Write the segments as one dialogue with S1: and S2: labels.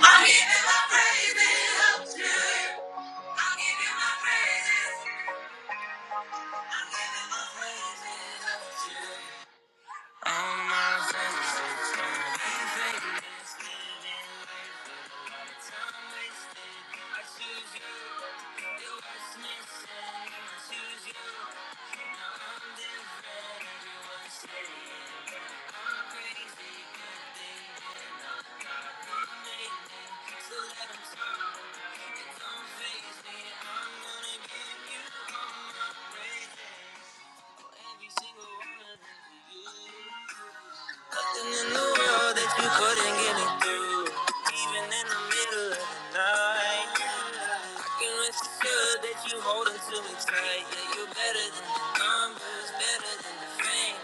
S1: I give you my praises to you. I give you my praises. I give you my praises to you. I'm crazy, good thing, and I'm not complaining. So let 'em talk. don't faze me. I'm gonna give you all my praises. Oh, every single one of them for you. Nothing in the world that you couldn't get me through. Even in the middle of the night. You must that you hold on to me tight. Yeah, you're better than the numbers, better than the fame.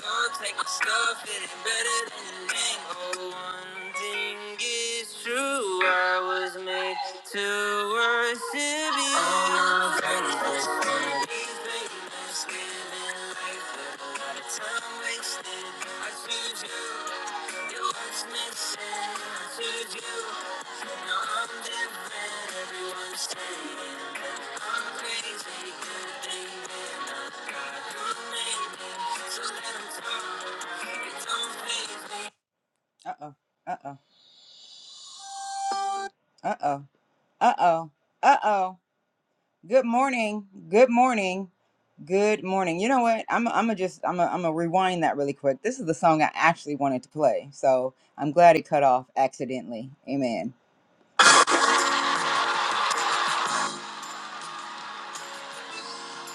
S1: Lord, take my stuff, it ain't better than the name. Oh, one thing is true, I was made to worship you. All my friends just wanna be famous, living life with a lot of time wasted. I choose you, you watch me should you? No, I'm different. Everyone's saying that I'm crazy. Good thing that I got you, baby. So let 'em talk. It don't faze me. Uh-oh. Uh-oh. Uh-oh. Uh-oh. Uh-oh. Good morning. Good morning. Good morning. You know what? I'm I'm gonna just I'm gonna I'm gonna rewind that really quick. This is the song I actually wanted to play. So I'm glad it cut off accidentally. Amen.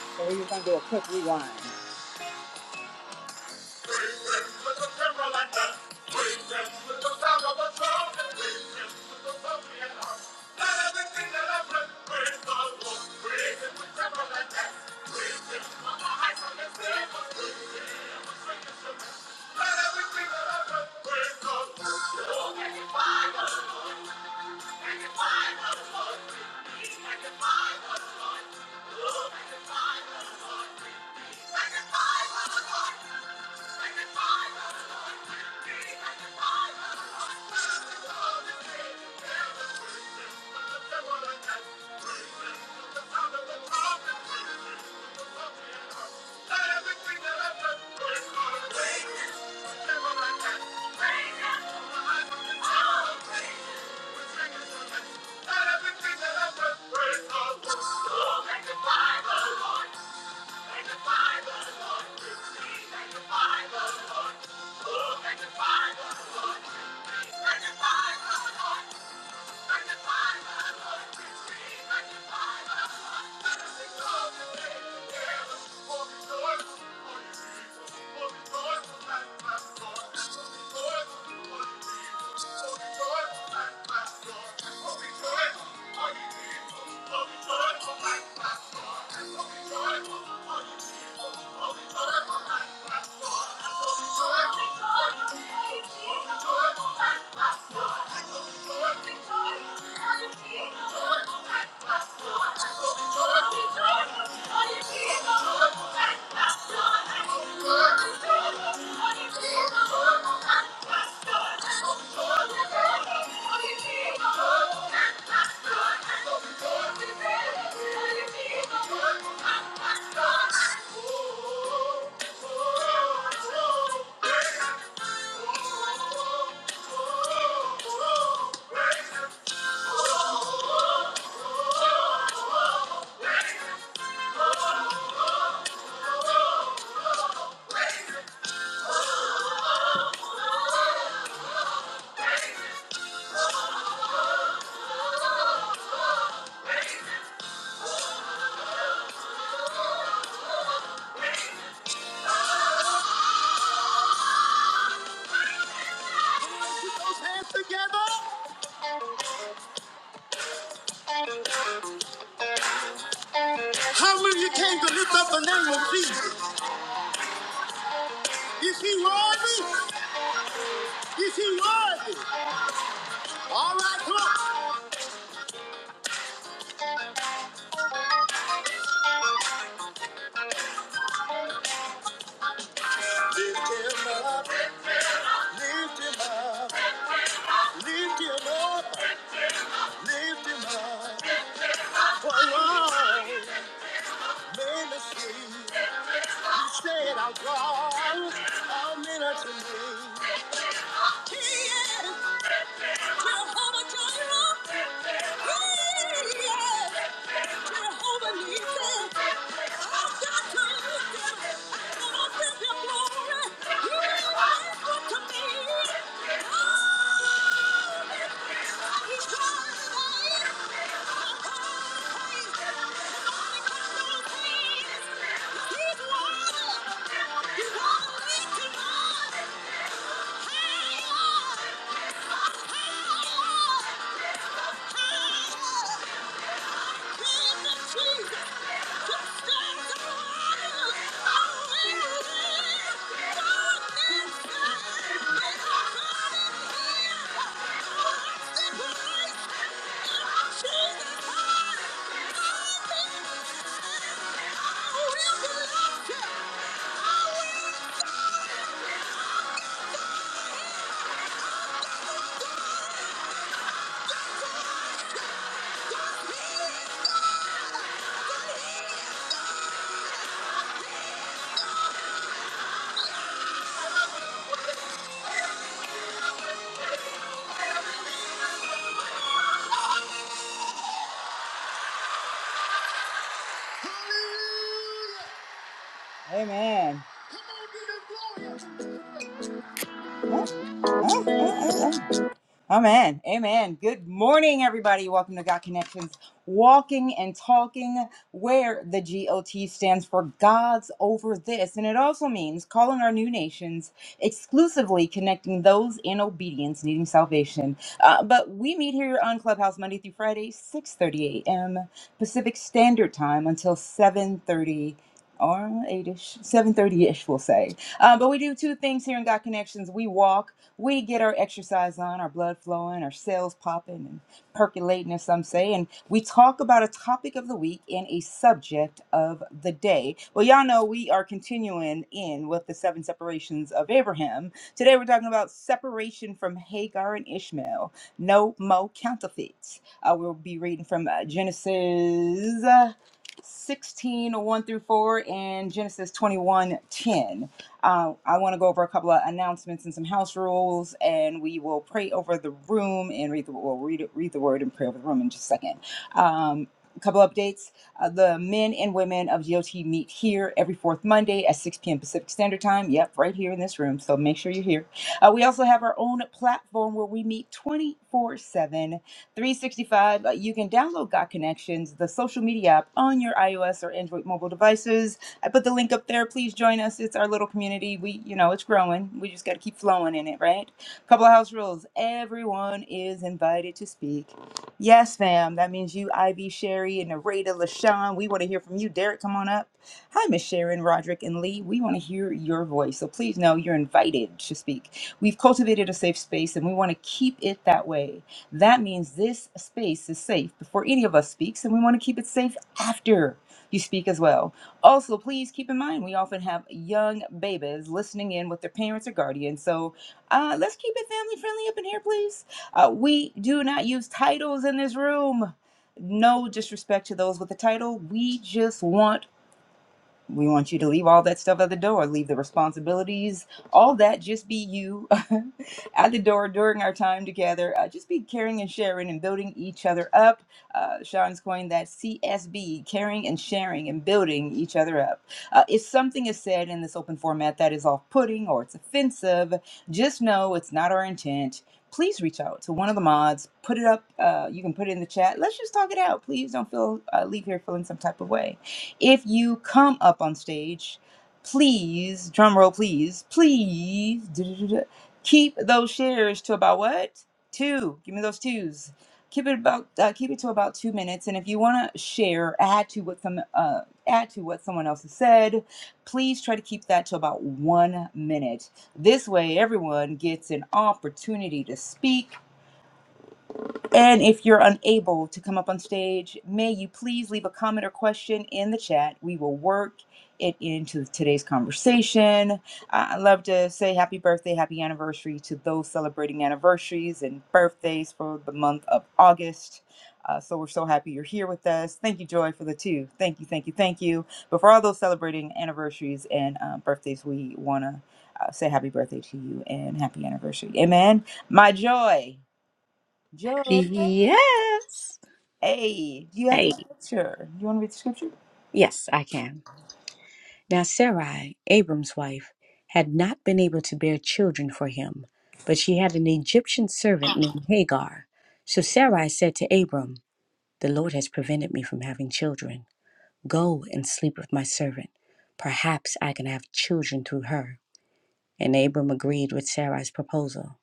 S1: So we're just gonna do a quick rewind. I Thank you. I the the Lord. Let that Thank you. Thank you. Thank you. Oh, you came to lift up the name of Jesus. Is he worthy? Is he worthy? All right, lift him up, lift him up, lift him up, lift him up. For one ministry, he said, I'll draw all men unto me. He is Jehovah Jireh. He is Jehovah Nissi. Higher! Higher! Amen. Come on, Amen. Amen. Good morning, everybody. Welcome to God Connections, walking and talking, where the GOT stands for God's over this. And it also means calling our new nations, exclusively connecting those in obedience needing salvation. Uh, but we meet here on Clubhouse Monday through Friday, 6.30 a.m. Pacific Standard Time until 7.30 or 8ish, 7.30ish, we'll say. Uh, but we do two things here in God Connections. We walk we get our exercise on, our blood flowing, our cells popping and percolating, as some say, and we talk about a topic of the week and a subject of the day. Well, y'all know we are continuing in with the seven separations of Abraham. Today we're talking about separation from Hagar and Ishmael. No mo counterfeits. I will be reading from uh, Genesis. uh, 16 one through 4 and Genesis 21 10. Uh, I want to go over a couple of announcements and some house rules, and we will pray over the room and read the, we'll read, read the word and pray over the room in just a second. Um, a couple updates. Uh, the men and women of GOT meet here every fourth Monday at 6 p.m. Pacific Standard Time. Yep, right here in this room. So make sure you're here. Uh, we also have our own platform where we meet 24 7, 365. Uh, you can download Got Connections, the social media app on your iOS or Android mobile devices I put the link up there. Please join us. It's our little community. We, you know, it's growing. We just got to keep flowing in it, right? Couple of house rules. Everyone is invited to speak. Yes, fam. That means you, Ivy, Sherry, and Narada, LaShawn. We want to hear from you. Derek, come on up. Hi, Miss Sharon, Roderick, and Lee. We want to hear your voice. So please know you're invited to speak. We've cultivated a safe space and we want to keep it that way. That means this space is safe before any of us speaks, and we want to keep it safe after you speak as well. Also, please keep in mind we often have young babies listening in with their parents or guardians, so uh, let's keep it family friendly up in here, please. Uh, we do not use titles in this room. No disrespect to those with a title. We just want we want you to leave all that stuff at the door, leave the responsibilities, all that. Just be you at the door during our time together. Uh, just be caring and sharing and building each other up. Uh, Sean's coined that CSB, caring and sharing and building each other up. Uh, if something is said in this open format that is off putting or it's offensive, just know it's not our intent. Please reach out to one of the mods. Put it up. Uh, you can put it in the chat. Let's just talk it out. Please don't feel uh, leave here feeling some type of way if you come up on stage, please, drum roll, please, please, keep those shares to about what? Two. Give me those twos. Keep it about uh, keep it to about two minutes. And if you want to share, add to what some uh, add to what someone else has said. Please try to keep that to about one minute. This way, everyone gets an opportunity to speak and if you're unable to come up on stage, may you please leave a comment or question in the chat. We will work it into today's conversation. I I love to say happy birthday, happy anniversary to those celebrating anniversaries and birthdays for the month of August. Uh, so we're so happy you're here with us. Thank you, Joy, for the two. Thank you, thank you, thank you. But for all those celebrating anniversaries and uh, birthdays, we want to uh, say happy birthday to you and happy anniversary. Amen. My Joy. Joy.
S2: Yes.
S1: Hey, do you have the
S2: Hey,
S1: scripture? You want to read the scripture?
S2: yes, I can. Now, Sarai, Abram's wife, had not been able to bear children for him, but she had an Egyptian servant named Hagar. So Sarai said to Abram, The Lord has prevented me from having children. Go and sleep with my servant. Perhaps I can have children through her. And Abram agreed with Sarai's proposal.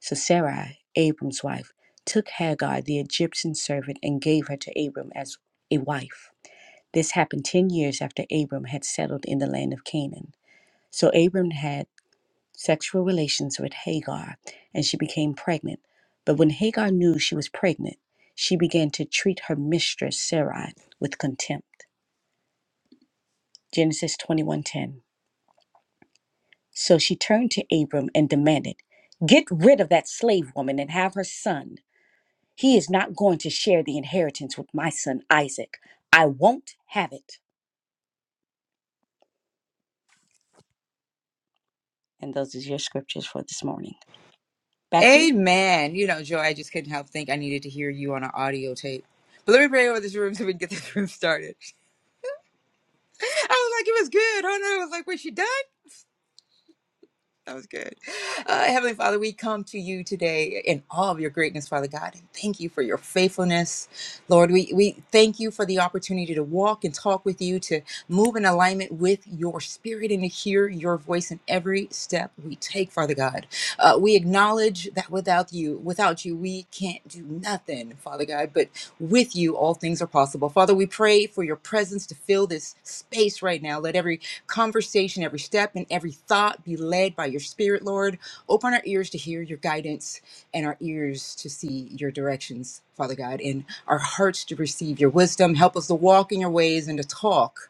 S2: So Sarai, Abram's wife, took Hagar, the Egyptian servant, and gave her to Abram as a wife. This happened 10 years after Abram had settled in the land of Canaan. So Abram had sexual relations with Hagar, and she became pregnant. But when Hagar knew she was pregnant, she began to treat her mistress Sarai with contempt. Genesis 21:10. So she turned to Abram and demanded, "Get rid of that slave woman and have her son. He is not going to share the inheritance with my son Isaac. I won't have it." And those is your scriptures for this morning. Back to you.
S1: Amen. You know, Joy, I just couldn't help think I needed to hear you on an audio tape. But let me pray over this room so we can get this room started. I was like, it was good. I don't know. I was like, was she done? That was good. Uh, Heavenly Father, we come to you today in all of your greatness, Father God, and thank you for your faithfulness. Lord, we, we thank you for the opportunity to walk and talk with you, to move in alignment with your spirit, and to hear your voice in every step we take, Father God. Uh, we acknowledge that without you, without you, we can't do nothing, Father God, but with you, all things are possible. Father, we pray for your presence to fill this space right now. Let every conversation, every step, and every thought be led by your spirit, Lord. Open our ears to hear your guidance and our ears to see your directions, Father God, and our hearts to receive your wisdom. Help us to walk in your ways and to talk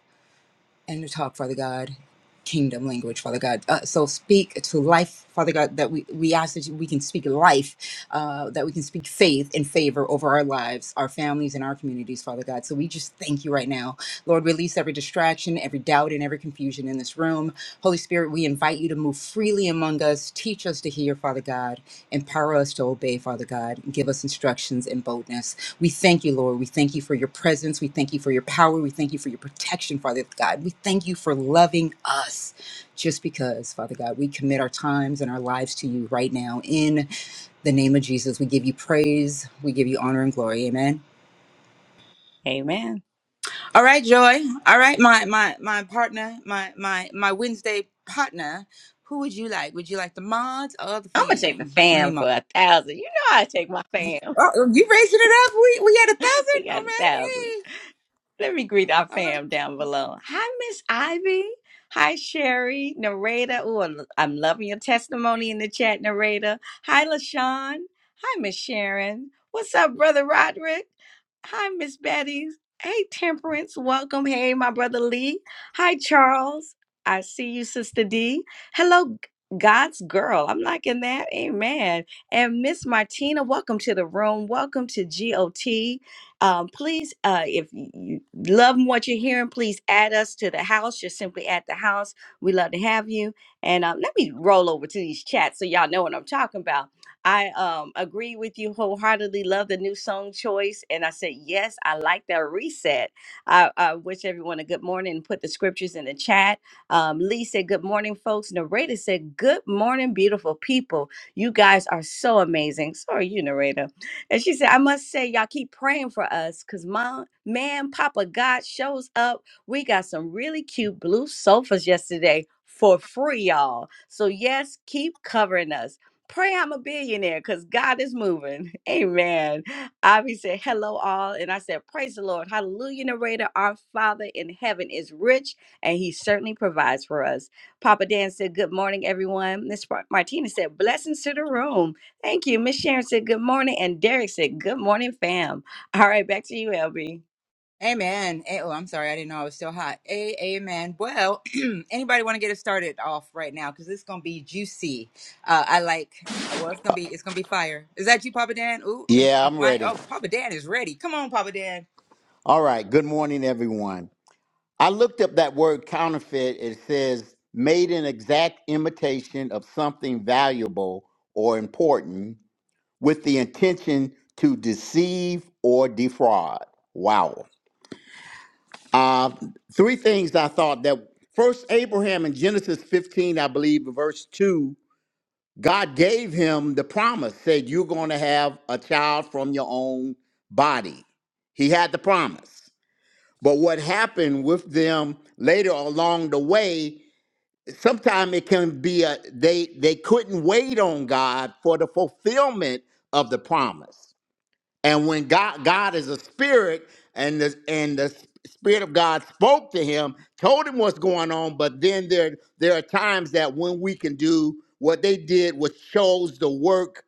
S1: and to talk, Father God, kingdom language, Father God. Uh, so speak to life, Father God, that we, we ask that we can speak life, uh, that we can speak faith and favor over our lives, our families, and our communities, Father God. So we just thank you right now. Lord, release every distraction, every doubt, and every confusion in this room. Holy Spirit, we invite you to move freely among us. Teach us to hear, Father God. Empower us to obey, Father God. Give us instructions and boldness. We thank you, Lord. We thank you for your presence. We thank you for your power. We thank you for your protection, Father God. We thank you for loving us just because, Father God, we commit our times and our lives to you right now. In the name of Jesus, we give you praise. We give you honor and glory. Amen.
S2: Amen.
S1: All right, Joy. All right, my my my partner, my my my Wednesday partner. Who would you like? Would you like the mods or the
S2: I'm gonna take the
S1: fam? Let me
S2: fam
S1: mod.
S2: for a thousand. You know I take my fam.
S1: Oh, you raising it up? We we had a
S2: We
S1: thousand. All
S2: got a
S1: right,
S2: thousand.
S1: hey.
S2: Let me greet our
S1: All right.
S2: fam down below. Hi, Miss Ivy. Hi, Sherry, narrator. Oh, I'm loving your testimony in the chat, narrator. Hi, LaShawn. Hi, Miss Sharon. What's up, Brother Roderick? Hi, Miss Betty. Hey, Temperance. Welcome. Hey, my brother Lee. Hi, Charles. I see you, Sister D. Hello, G- God's girl. I'm liking that. Amen. And Miss Martina, welcome to the room. Welcome to GOT. Um, please, uh, if you love what you're hearing, please add us to the house. Just simply add the house. We love to have you. And um, let me roll over to these chats so y'all know what I'm talking about. I um, agree with you wholeheartedly. Love the new song choice. And I said, yes, I like that reset. I, I wish everyone a good morning put the scriptures in the chat. Um, Lee said, good morning, folks. Narrator said, good morning, beautiful people. You guys are so amazing. Sorry, you, narrator. And she said, I must say, y'all keep praying for us because mom, man, Papa God shows up. We got some really cute blue sofas yesterday for free, y'all. So, yes, keep covering us. Pray I'm a billionaire because God is moving. Amen. Avi said, Hello, all. And I said, Praise the Lord. Hallelujah, narrator. Our Father in heaven is rich and he certainly provides for us. Papa Dan said, Good morning, everyone. Miss Mar- Martina said, Blessings to the room. Thank you. Miss Sharon said good morning, and Derek said good morning, fam. All right, back to you, LB.
S1: Amen. Eh, Oh, I'm sorry. I didn't know I was still hot. A- amen. Well, anybody want to get us started off right now? Because it's gonna be juicy. Uh, I like. uh, Well, it's gonna be. It's gonna be fire. Is that you, Papa Dan? Ooh, he-
S3: Yeah,
S1: oh
S3: I'm
S1: my.
S3: ready.
S1: Oh, Papa Dan is ready. Come on, Papa Dan.
S3: All right. Good morning, everyone. I looked up that word counterfeit. It says made an exact imitation of something valuable or important with the intention to deceive or defraud. Wow. Uh, three things I thought that first, Abraham in Genesis 15, I believe, verse 2, God gave him the promise, said, You're going to have a child from your own body. He had the promise. But what happened with them later along the way, sometimes it can be a they they couldn't wait on God for the fulfillment of the promise. And when God God is a spirit and the and the spirit of God spoke to him, told him what's going on, but then there there are times that when we can do what they did was shows the work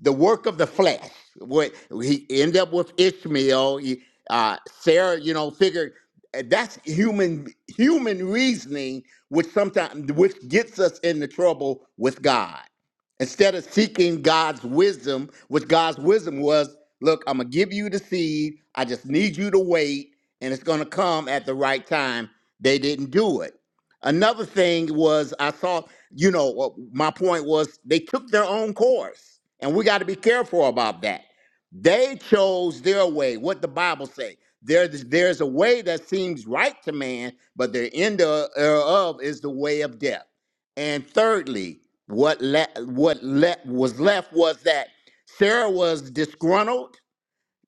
S3: the work of the flesh. What he ended up with Ishmael. He, uh, Sarah, you know, figured uh, that's human human reasoning, which sometimes which gets us into trouble with God. Instead of seeking God's wisdom, which God's wisdom was, look, I'm gonna give you the seed. I just need you to wait, and it's gonna come at the right time. They didn't do it. Another thing was I saw you know, uh, my point was they took their own course, and we got to be careful about that. They chose their way. What the Bible say? There's there's a way that seems right to man, but the end of- thereof is the way of death. And thirdly, what le- what le- was left was that Sarah was disgruntled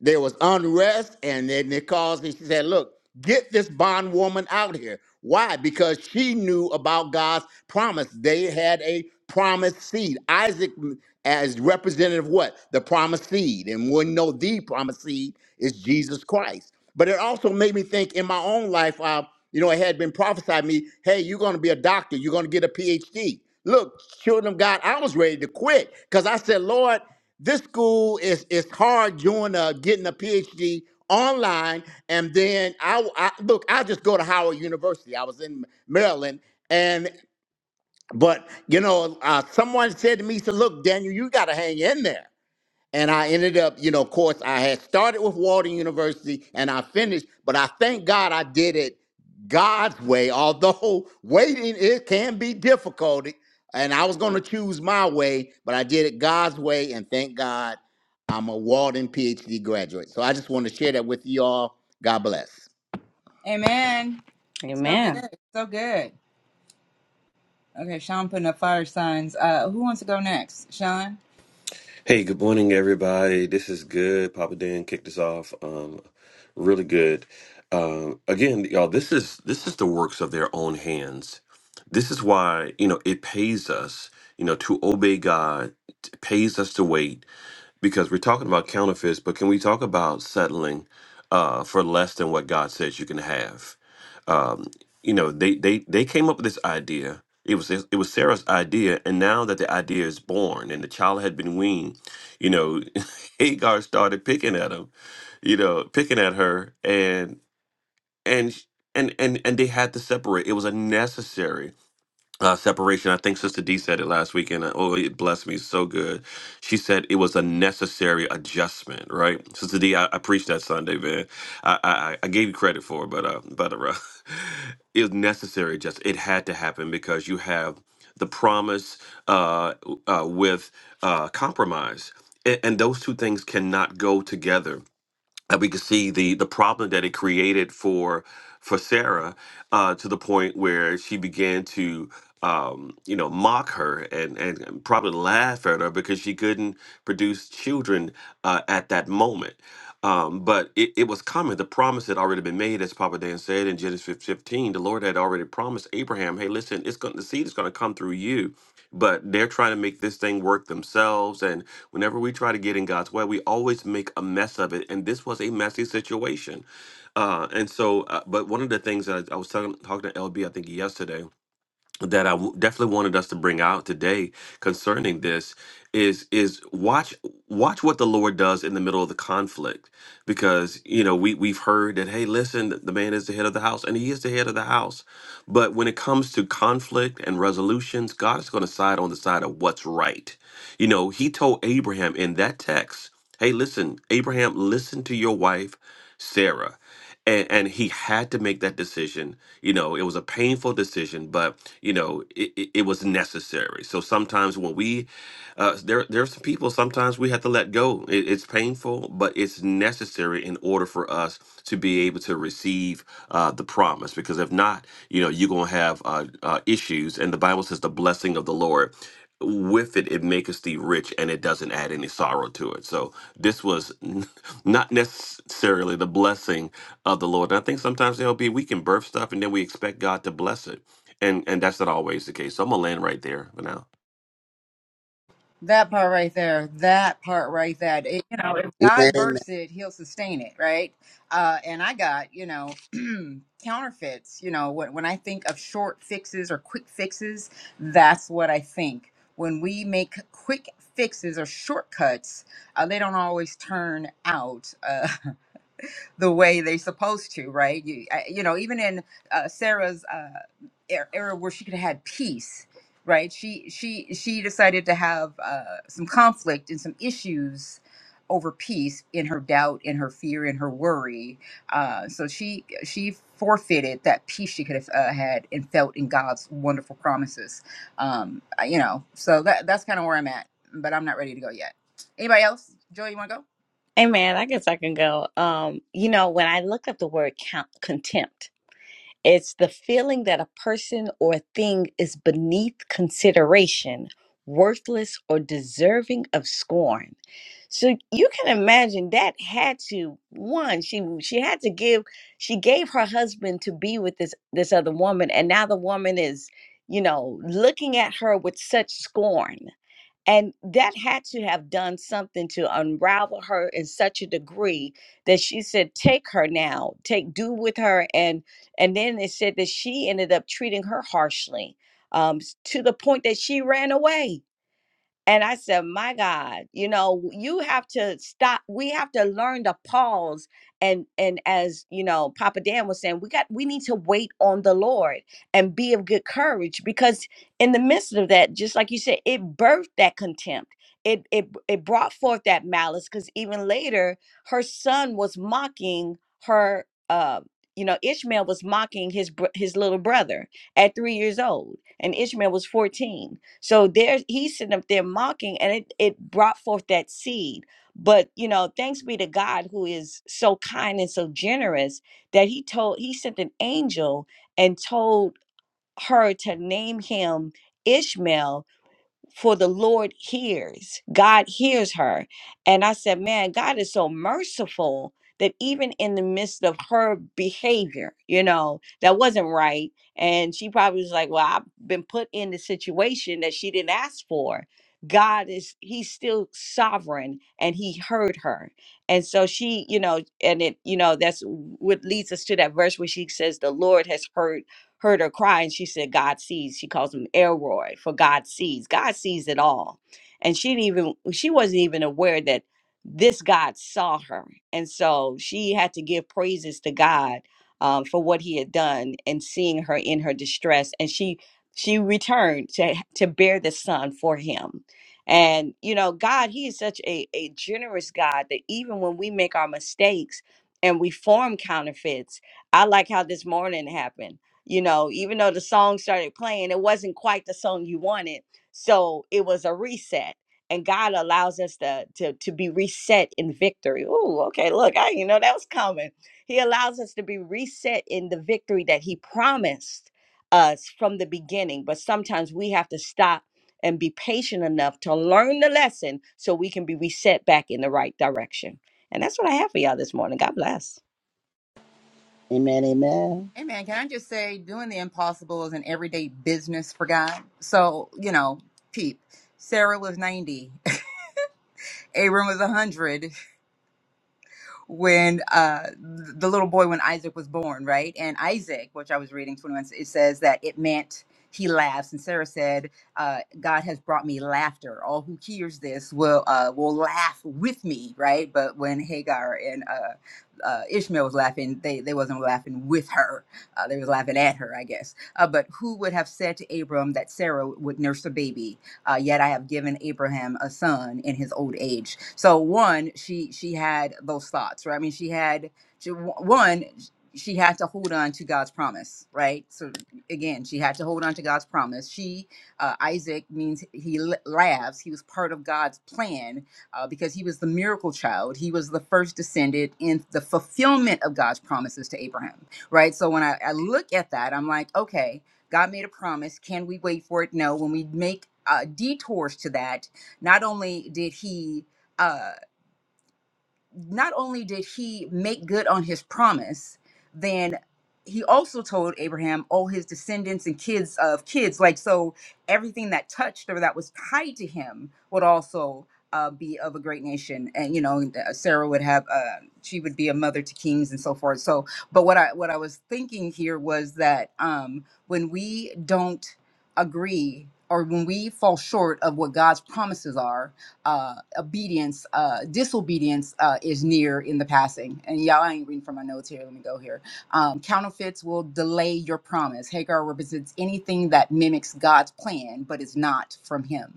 S3: there was unrest, and then it caused. me. She said, "Look, get this bondwoman out here. Why? Because she knew about God's promise. They had a promised seed. Isaac, mm, as representative, of what the promised seed, and we know the promised seed is Jesus Christ. But it also made me think in my own life. Uh, you know, it had been prophesied me, hey, you're going to be a doctor. You're going to get a PhD. Look, children of God, I was ready to quit because I said, Lord." this school is is hard doing a getting a PhD online, and then I, I look. I just go to Howard University. I was in Maryland, and but you know, uh, someone said to me, "So look, Daniel, you got to hang in there." and I ended up, you know, of course, I had started with Walden University and I finished, but I thank God I did it God's way, although waiting it can be difficult. And I was going to choose my way, but I did it God's way, and thank God I'm a Walden PhD graduate. So I just want to share that with you all. God bless.
S1: Amen. So
S2: Amen.
S1: good. So good. Okay, Sean putting up fire signs. Uh, who wants to go next? Sean.
S4: Hey, good morning, everybody. This is good. Papa Dan kicked us off. Um, really good. Um, again, y'all, this is this is the works of their own hands. This is why you know it pays us, you know, to obey God. It pays us to wait because we're talking about counterfeits, but can we talk about settling uh, for less than what God says you can have? Um, you know, they they they came up with this idea. It was it was Sarah's idea, and now that the idea is born and the child had been weaned, you know, Hagar started picking at him, you know, picking at her, and and and and and they had to separate. It was unnecessary uh, separation. I think Sister D said it last week, and uh, oh, it blessed me so good. She said it was a necessary adjustment, right? Sister D, I, I preached that Sunday, man. I, I I I gave you credit for it, but uh, but uh, it was necessary. Just it had to happen because you have the promise uh, uh, with uh, compromise. A- And those two things cannot go together and we could see the the problem that it created for for Sarah uh, to the point where she began to um, you know mock her and, and probably laugh at her because she couldn't produce children uh, at that moment. Um, but it, it was common. The promise had already been made, as Papa Dan said in Genesis 15. The Lord had already promised Abraham, "Hey, listen, it's going the seed is going to come through you." But they're trying to make this thing work themselves, and Whenever we try to get in God's way, we always make a mess of it. And this was a messy situation. Uh, and so, uh, but one of the things that I, I was talking, talking to LB, I think yesterday, that I w- definitely wanted us to bring out today concerning this is is watch watch what the Lord does in the middle of the conflict, because you know we we've heard that hey, listen, th- the man is the head of the house, and he is the head of the house. But when it comes to conflict and resolutions, God is going to side on the side of what's right. You know, he told Abraham in that text, hey, listen, Abraham, listen to your wife, Sarah. And, and he had to make that decision. You know, it was a painful decision, but, you know, it, it, it was necessary. So sometimes when we, uh, there, there are some people sometimes we have to let go. It, it's painful, but it's necessary in order for us to be able to receive uh, the promise. Because if not, you know, you're going to have uh, uh, issues. And the Bible says the blessing of the Lord with it, it maketh thee rich and it doesn't add any sorrow to it. So this was n- not necessarily the blessing of the Lord. And I think sometimes there'll be we can birth stuff and then we expect God to bless it. And and that's not always the case. So I'm gonna land right there for now.
S1: That part right there, that part right there. it, you know, if
S5: Amen.
S1: God
S5: Amen.
S1: births it, He'll sustain it, right? Uh, and I got you know counterfeits. You know, when when I think of short fixes or quick fixes, that's what I think. When we make quick fixes or shortcuts, uh, they don't always turn out. Uh, the way they're supposed to, right? You, I- you know, even in uh, Sarah's uh, er- era where she could have had peace, right? She she she decided to have uh, some conflict and some issues over peace in her doubt, in her fear, in her worry. Uh, so she she forfeited that peace she could have uh, had and felt in God's wonderful promises. Um, I- you know, so that that's kind of where I'm at, but I'm not ready to go yet. Anybody else? Joy, you want to go?
S2: Hey man, I guess I can go. Um, you know, when I looked up the word count, contempt, It's the feeling that a person or a thing is beneath consideration, worthless, or deserving of scorn. So you can imagine that had to one she she had to give she gave her husband to be with this this other woman and now the woman is you know looking at her with such scorn and that had to have done something to unravel her in such a degree that she said, take her now, take do with her. And and then it said that she ended up treating her harshly um, s- to the point that she ran away and I said, My God, you know, you have to stop. We have to learn to pause. And and as you know, Papa Dan was saying, we got we need to wait on the Lord and be of good courage because in the midst of that, just like you said, it birthed that contempt. It it it brought forth that malice because even later her son was mocking her uh you know, Ishmael was mocking his br- his little brother at three years old, and Ishmael was fourteen so there he's sitting up there mocking and it, it brought forth that seed. But you know, thanks be to God who is so kind and so generous that he told he sent an angel and told her to name him Ishmael for the Lord hears. God hears her. And I said, man, God is so merciful that even in the midst of her behavior, you know, that wasn't right. And she probably was like, well, I've been put in the situation that she didn't ask for. God is, he's still sovereign and he heard her. And so she, you know, and it, you know, that's what leads us to that verse where she says, the Lord has heard heard her cry and she said, God sees. She calls him Elroy for God sees. God sees it all. And she didn't even, she wasn't even aware that this God saw her. And so she had to give praises to God um, for what he had done and seeing her in her distress. And she, she returned to, to bear the son for him. And, you know, God, he is such a, a generous God that even when we make our mistakes and we form counterfeits, I like how this morning happened you know even though the song started playing it wasn't quite the song you wanted so it was a reset and god allows us to to, to be reset in victory Ooh, okay look i you know that was coming he allows us to be reset in the victory that he promised us from the beginning but sometimes we have to stop and be patient enough to learn the lesson so we can be reset back in the right direction and that's what i have for y'all this morning god bless
S5: Amen, amen.
S1: Amen. Can I just say, doing the impossible is an everyday business for God. So, you know, peep. Sarah was 90, Abram was 100 when uh, the little boy when Isaac was born, right? And Isaac, which I was reading 21, it says that it meant he laughs, and Sarah said, uh, "God has brought me laughter. All who hears this will uh, will laugh with me, right?" But when Hagar and uh, uh, Ishmael was laughing, they they wasn't laughing with her; uh, they was laughing at her, I guess. Uh, but who would have said to Abram that Sarah would nurse a baby? uh, yet I have given Abraham a son in his old age. So one, she she had those thoughts, right? I mean, she had she, one, she had to hold on to God's promise, right? So again, she had to hold on to God's promise. She uh, Isaac means he l- laughs. He was part of God's plan uh, because he was the miracle child. He was the first descendant in the fulfillment of God's promises to Abraham, right? So when I, I look at that, I'm like, okay, God made a promise. Can we wait for it? No. When we make uh, detours to that, not only did He. uh, not only did he make good on his promise, then he also told Abraham all his descendants and kids of kids. Like, so everything that touched or that was tied to him would also uh, be of a great nation. And, you know, uh, Sarah would have, uh, she would be a mother to kings and so forth. So, but what I, what I was thinking here was that um, when we don't agree or when we fall short of what God's promises are, uh, obedience, uh, disobedience uh, is near in the passing. And y'all, I ain't reading from my notes here. Let me go here. Um, counterfeits will delay your promise. Hagar represents anything that mimics God's plan, but is not from Him.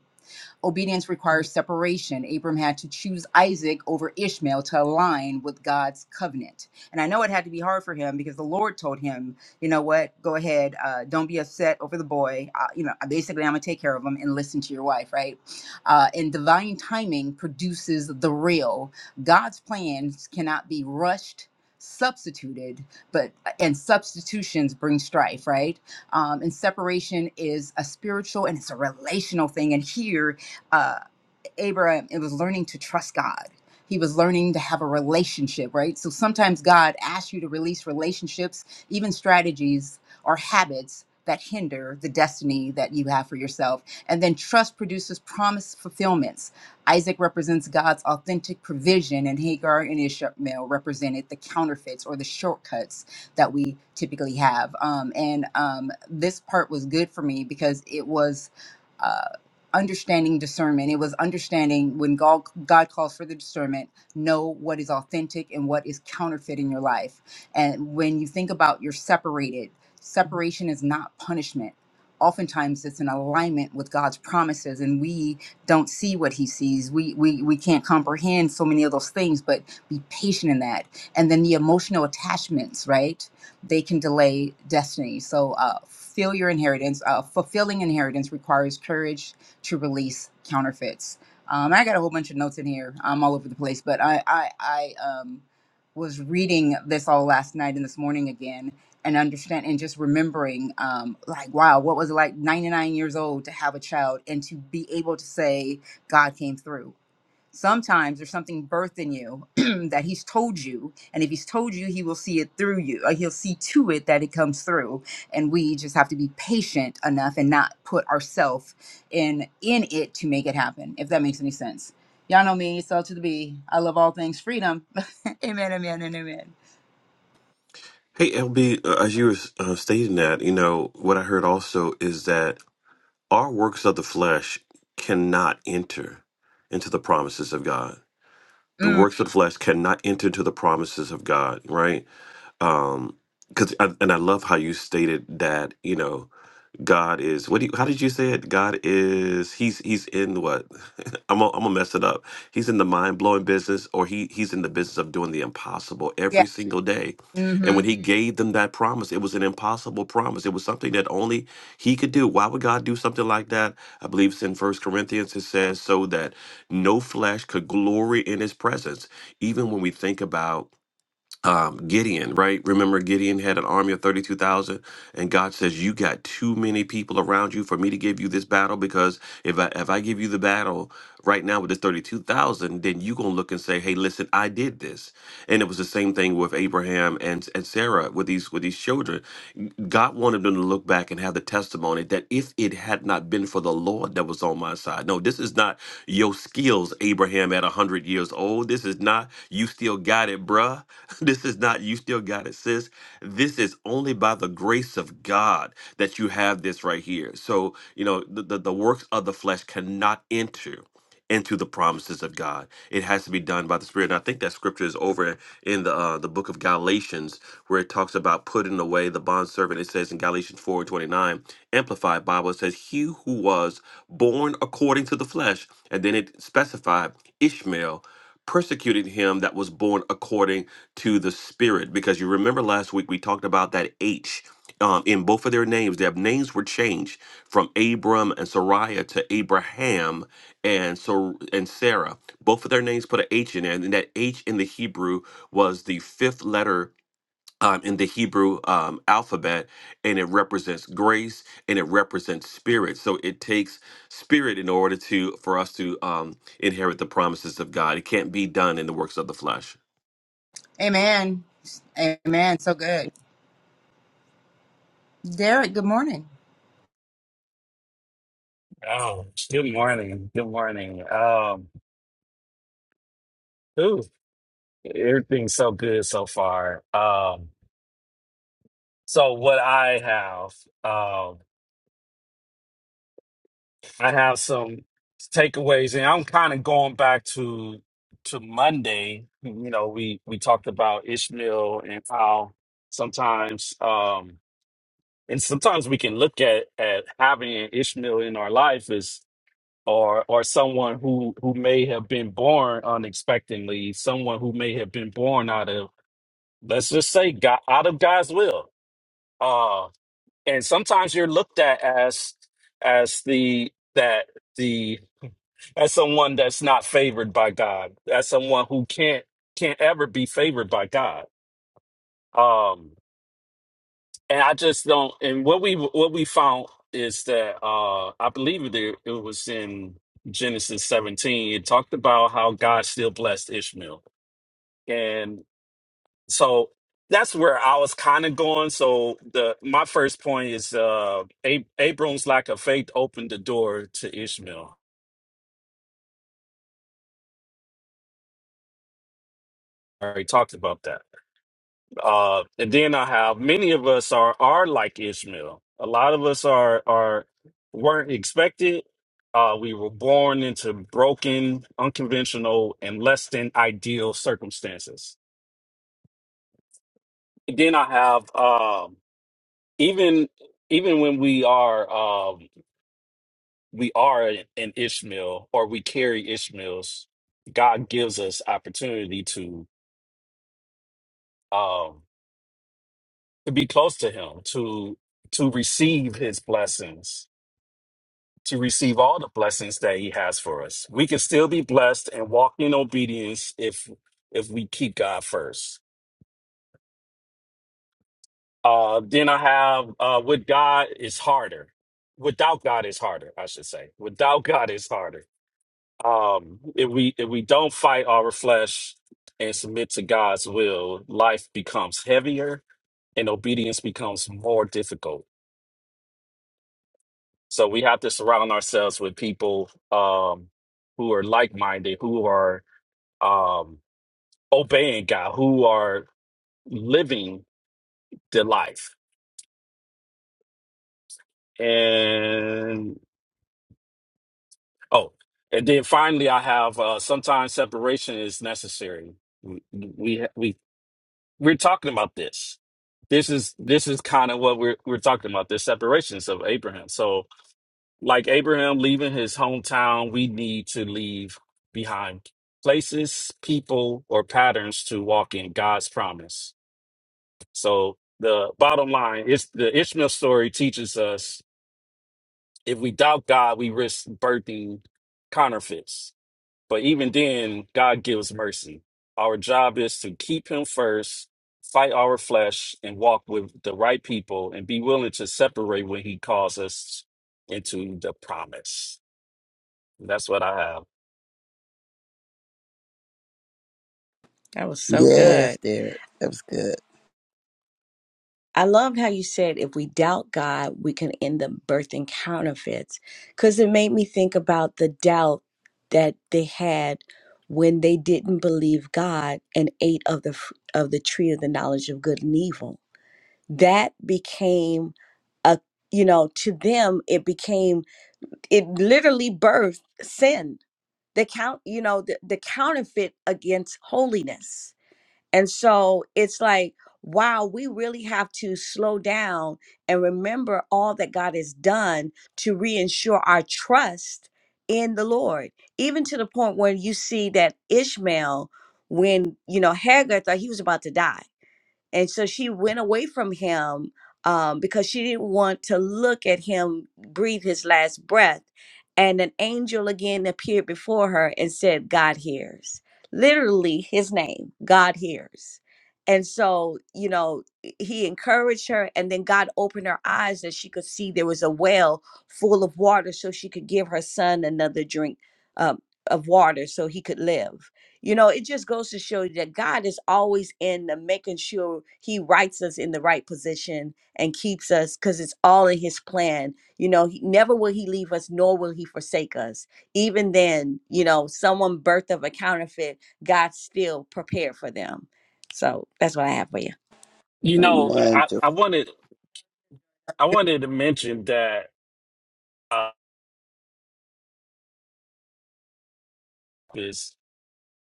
S1: Obedience requires separation. Abram had to choose Isaac over Ishmael to align with God's covenant. And I know it had to be hard for him because the Lord told him, you know what, go ahead, uh, don't be upset over the boy. Uh, you know, basically, I'm going to take care of him and listen to your wife, right? Uh, and divine timing produces the real. God's plans cannot be rushed. Substituted, but and substitutions bring strife, right? Um, and separation is a spiritual and it's a relational thing. And here uh, Abraham, it was learning to trust God. He was learning to have a relationship, right? So sometimes God asks you to release relationships, even strategies or habits that hinder the destiny that you have for yourself. And then trust produces promise fulfillments. Isaac represents God's authentic provision, and Hagar and Ishmael represented the counterfeits or the shortcuts that we typically have. Um, and um, this part was good for me because it was. uh, understanding discernment. It was understanding when God, God calls for the discernment, know what is authentic and what is counterfeit in your life. And when you think about you're separated, separation is not punishment. Oftentimes it's an alignment with God's promises and we don't see what he sees. We, we we can't comprehend so many of those things, but be patient in that. And then the emotional attachments, right? They can delay destiny. So uh, feel your inheritance. Uh, fulfilling inheritance requires courage, to release counterfeits. Um, I got a whole bunch of notes in here. I'm all over the place, but I I, I um, was reading this all last night and this morning again, and understand and just remembering um, like wow, what was it like 99 years old to have a child and to be able to say God came through sometimes there's something birthed in you that he's told you and if he's told you he will see it through you or he'll see to it that it comes through and we just have to be patient enough and not put ourselves in in it to make it happen if that makes any sense y'all know me so to the b i love all things freedom amen amen and amen
S4: Hey LB, uh, as you were uh, stating that, you know what I heard also is that our works of the flesh cannot enter into the promises of God. The
S1: mm,
S4: works of the flesh cannot enter into the promises of God, right? um because and i love how you stated that you know god is what do you how did you say it god is he's he's in what i'm gonna I'm gonna mess it up he's in the mind-blowing business or he he's in the business of doing the impossible
S1: yeah
S4: every single day and when
S1: mm-hmm.
S4: he gave them that promise it was an impossible promise it was something that only he could do why would god do something like that i believe it's in first corinthians it says so that no flesh could glory in his presence even when we think about um, Gideon, right? Remember, Gideon had an army of 32,000, and God says, You got too many people around you for me to give you this battle because if I, if I give you the battle right now with this 32,000, then you going to look and say, 'Hey, listen, I did this. And it was the same thing with Abraham and, and Sarah with these with these children. God wanted them to look back and have the testimony that if it had not been for the Lord that was on my side. No, this is not your skills, Abraham, at 100 years old. This is not you still got it, bruh. This is not you still got it, sis. This is only by the grace of God that you have this right here. So, you know, the, the, the works of the flesh cannot enter into the promises of God. It has to be done by the Spirit. And I think that scripture is over in the uh, the book of Galatians where it talks about putting away the bondservant. It says in Galatians 4 and 29, Amplified Bible, it says, He who was born according to the flesh, and then it specified Ishmael persecuted him that was born according to the spirit because you remember last week we talked about that h um, in both of their names their names were changed from abram and Sarai to abraham and so and Sarah. Both of their names put an H in there, and that H in the Hebrew was the fifth letter um, in the Hebrew um, alphabet, and it represents grace and it represents spirit. So it takes spirit in order to for us to um, inherit the promises of God. It can't be done in the works of the flesh.
S1: amen amen so good derek good morning
S6: Oh, good morning. Good morning. Um, ooh, everything's so good so far. Um, so what I have, um, I have some takeaways, and I'm kind of going back to to Monday. You know, we we talked about Ishmael and how sometimes, um, and sometimes we can look at at having an Ishmael in our life or or someone who who may have been born unexpectedly, someone who may have been born out of let's just say God, out of God's will. Uh, and sometimes you're looked at as as the that the as someone that's not favored by God, as someone who can't can't ever be favored by God. Um, and I just don't. And what we what we found is that uh, I believe it it was in Genesis 17. It talked about how God still blessed Ishmael, and so that's where I was kind of going. So the my first point is uh, Ab- Abram's lack of faith opened the door to Ishmael. I already talked about that. Uh, and then I have many of us are are like Ishmael. A lot of us are are weren't expected. Uh, we were born into broken, unconventional, and less than ideal circumstances. then I have um, even even when we are um, we are an Ishmael or we carry Ishmael's, God gives us opportunity to um, to be close to Him to to receive His blessings to receive all the blessings that he has for us. We can still be blessed and walk in obedience if if we keep God first. Uh, then I have uh, with God is harder. Without God is harder, I should say. Without God is harder. Um, if we if we don't fight our flesh and submit to God's will, life becomes heavier and obedience becomes more difficult. So we have to surround ourselves with people um, who are like minded, who are um, obeying God, who are living the life. And oh, and then finally, I have uh, sometimes separation is necessary. We we we we're talking about this. This is this is kind of what we're we're talking about. The separations of Abraham. So, like Abraham leaving his hometown, we need to leave behind places, people, or patterns to walk in God's promise So the bottom line is the Ishmael story teaches us if we doubt God, we risk birthing counterfeits. But even then, God gives mercy. Our job is to keep him first, fight our flesh, and walk with the right people and be willing to separate when he calls us into the promise. That's what I have.
S2: That was so
S5: Yes,
S2: good.
S5: Derek. That was good.
S2: I loved how you said if we doubt God, we can end up birthing counterfeits. Because it made me think about the doubt that they had when they didn't believe God and ate of the f- of the tree of the knowledge of good and evil. That became a you know to them it became it literally birthed sin. The count you know the, the counterfeit against holiness and so it's like, wow, we really have to slow down and remember all that God has done to reinsure our trust in the Lord. Even to the point where you see that Ishmael, when, you know, Hagar thought he was about to die and so she went away from him um, because she didn't want to look at him breathe his last breath and an angel again appeared before her and said god hears literally his name god hears and so you know he encouraged her and then god opened her eyes that she could see there was a well full of water so she could give her son another drink um, of water so he could live you know, it just goes to show you that God is always in the making sure He writes us in the right position and keeps us because it's all in His plan. You know, he, never will He leave us, nor will He forsake us. Even then, you know, someone birth of a counterfeit, God still prepared for them. So that's what I have for you.
S6: You know,
S5: Amen.
S6: I,
S5: Joy.
S6: I wanted I wanted to mention that uh, is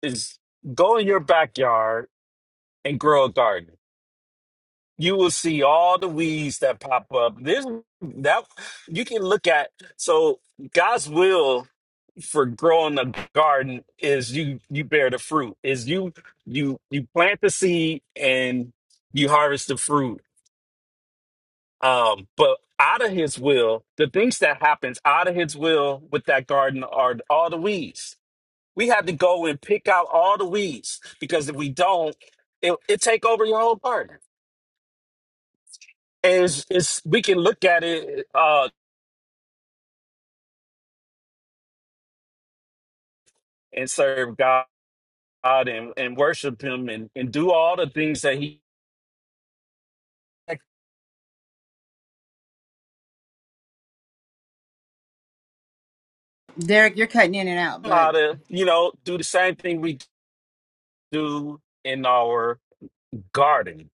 S6: is go in your backyard and grow a garden you will see all the weeds that pop up. This that you can look at. So God's will for growing a garden is you you bear the fruit. Is you you you plant the seed and you harvest the fruit. Um, but out of His will, the things that happens out of His will with that garden are all the weeds. We have to go and pick out all the weeds because if we don't, it it take over your whole garden is is we can look at it uh and serve God and, and worship him and, and do all the things that he
S1: derek you're cutting in and out
S6: how
S1: but
S6: to you know do the same thing we do in our garden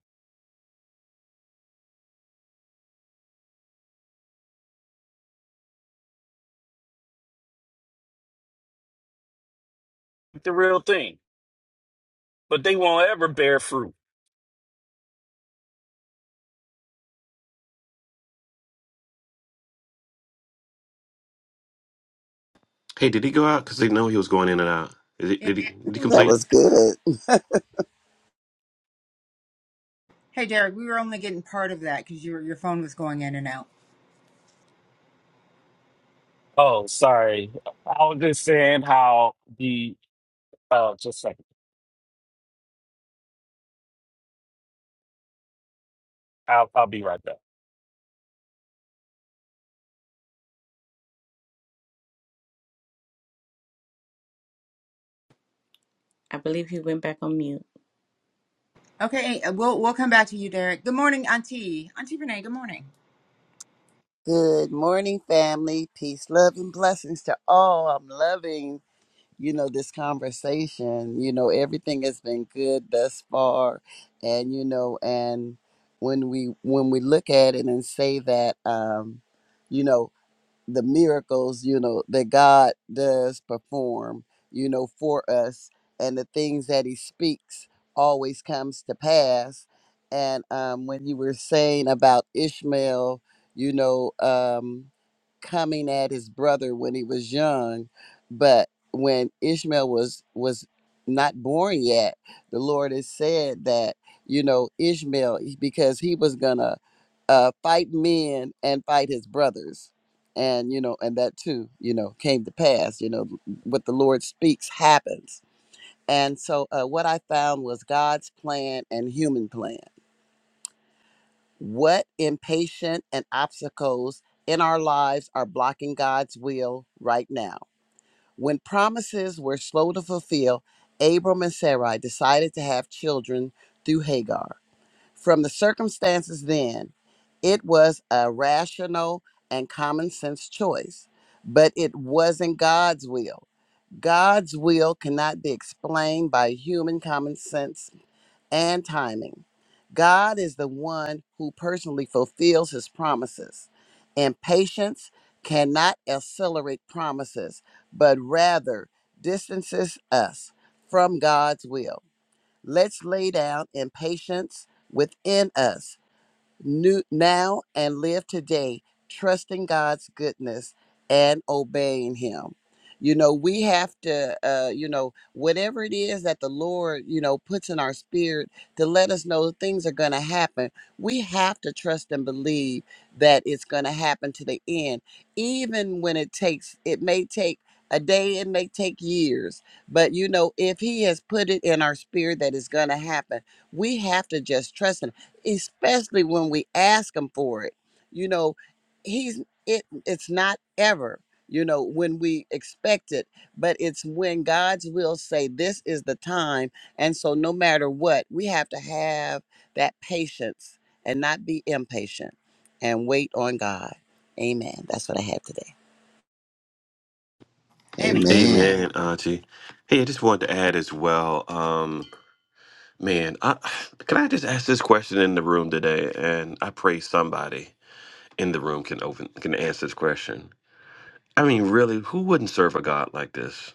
S6: the real thing but they won't ever bear fruit
S4: Hey, did he go out? Because they know he was going in and out. Is he, did he? Did he
S5: Ooh, That
S4: complete?
S5: was good.
S1: Hey, Derek, we were only getting part of that because your your phone was going in and out.
S6: oh sorry i was just saying how the uh just a second i'll, I'll be right back
S2: I bl-
S1: Okay, hey, uh, we'll we'll come back to you, Derek. Good morning, Auntie. Auntie Renee. Good morning.
S5: Good morning, family. Peace, love, and blessings to all. I'm loving, you know, this conversation. You know, everything has been good thus far. And, you know, and when we when we look at it and say that um, you know, the miracles you know that god does perform you know for us and the things that he speaks always comes to pass and um, when you were saying about ishmael you know um, coming at his brother when he was young but when ishmael was was not born yet the lord has said that you know ishmael because he was gonna uh, fight men and fight his brothers and you know and that too you know came to pass you know what the lord speaks happens and so uh, what i found was god's plan and human plan what impatient and obstacles in our lives are blocking god's will right now when promises were slow to fulfill abram and sarai decided to have children through hagar from the circumstances then, it was a rational and common sense choice, but it wasn't God's will. God's will cannot be explained by human common sense and timing. God is the one who personally fulfills his promises, and patience cannot accelerate promises, but rather distances us from God's will. Let's lay down impatience within us new, now and live today, trusting God's goodness and obeying Him. You know, we have to, uh, you know, whatever it is that the Lord, you know, puts in our spirit to let us know things are going to happen, we have to trust and believe that it's going to happen to the end, even when it takes, it may take a day, it may take years. But, you know, if He has put it in our spirit that it's going to happen, we have to just trust Him especially when we ask him for it you know he's it it's not ever you know when we expect it but it's when god's will say this is the time and so no matter what we have to have that patience and not be impatient and wait on god amen that's what i have today
S1: Amen.
S4: Amen,
S3: Amen.
S4: Auntie. Hey, I just wanted to add as well. Um, Man, I, can I just ask this question in the room today? And I pray somebody in the room can open can answer this question. I mean, really, who wouldn't serve a God like this?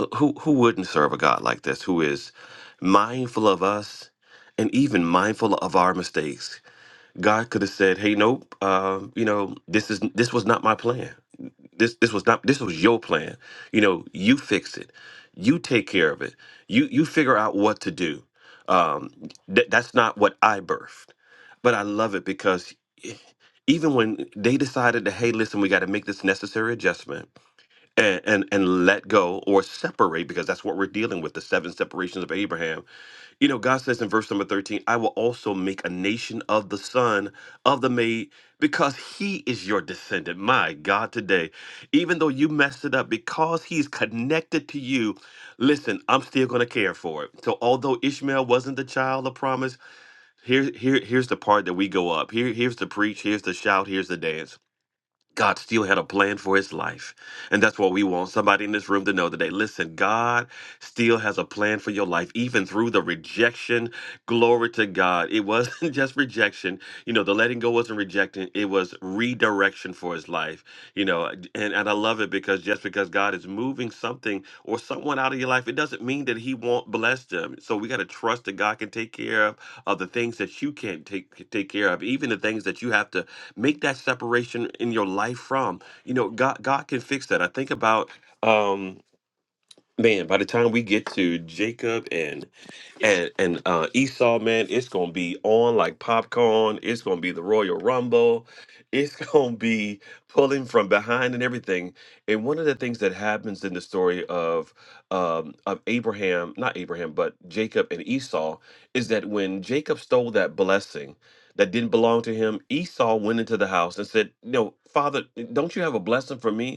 S4: Uh, Who who wouldn't serve a God like this? Who is mindful of us and even mindful of our mistakes? God could have said, "Hey, nope. Uh, you know, this is this was not my plan." this this was not this was your plan you know you fix it you take care of it you you figure out what to do um th- that's not what i birthed but i love it because e- even when they decided that hey listen we got to make this necessary adjustment and, and and let go or separate because that's what we're dealing with the seven separations of abraham you know, God says in verse number 13, I will also make a nation of the son of the maid because he is your descendant. My God, today, even though you messed it up, because he's connected to you, listen, I'm still going to care for it. So, although Ishmael wasn't the child of promise, here, here, here's the part that we go up. Here, here's the preach, here's the shout, here's the dance. God still had a plan for his life. And that's what we want somebody in this room to know today. Listen, God still has a plan for your life, even through the rejection. Glory to God. It wasn't just rejection. You know, the letting go wasn't rejecting, it was redirection for his life. You know, and, and I love it because just because God is moving something or someone out of your life, it doesn't mean that he won't bless them. So we got to trust that God can take care of, of the things that you can't take, take care of, even the things that you have to make that separation in your life from you know god god can fix that i think about um man by the time we get to jacob and and and uh Esau, man, it's gonna be on like popcorn. It's gonna be the Royal Rumble. It's gonna be pulling from behind and everything. And one of the things that happens in the story of um of Abraham, not Abraham, but Jacob and Esau, is that when Jacob stole that blessing that didn't belong to him, Esau went into the house and said, No, father, don't you have a blessing for me?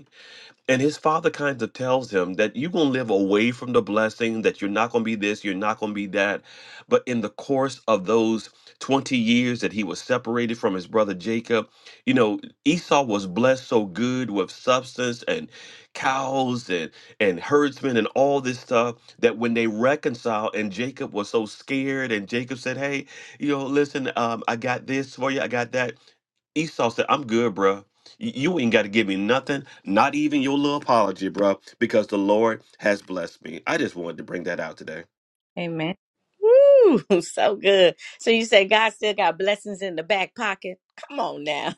S4: And his father kind of tells him that you're going to live away from the blessing, that you're not going to be this, you're not going to be that. But in the course of those 20 years that he was separated from his brother Jacob, you know, Esau was blessed so good with substance and cows and, and herdsmen and all this stuff that when they reconciled and Jacob was so scared and Jacob said, hey, you know, listen, um, I got this for you, I got that. Esau said, I'm good, bruh. You ain't got to give me nothing, not even your little apology, bro, because the Lord has blessed me. I just wanted to bring that out today.
S2: Amen. Ooh, so good. So you say God still got blessings in the back pocket? Come on now.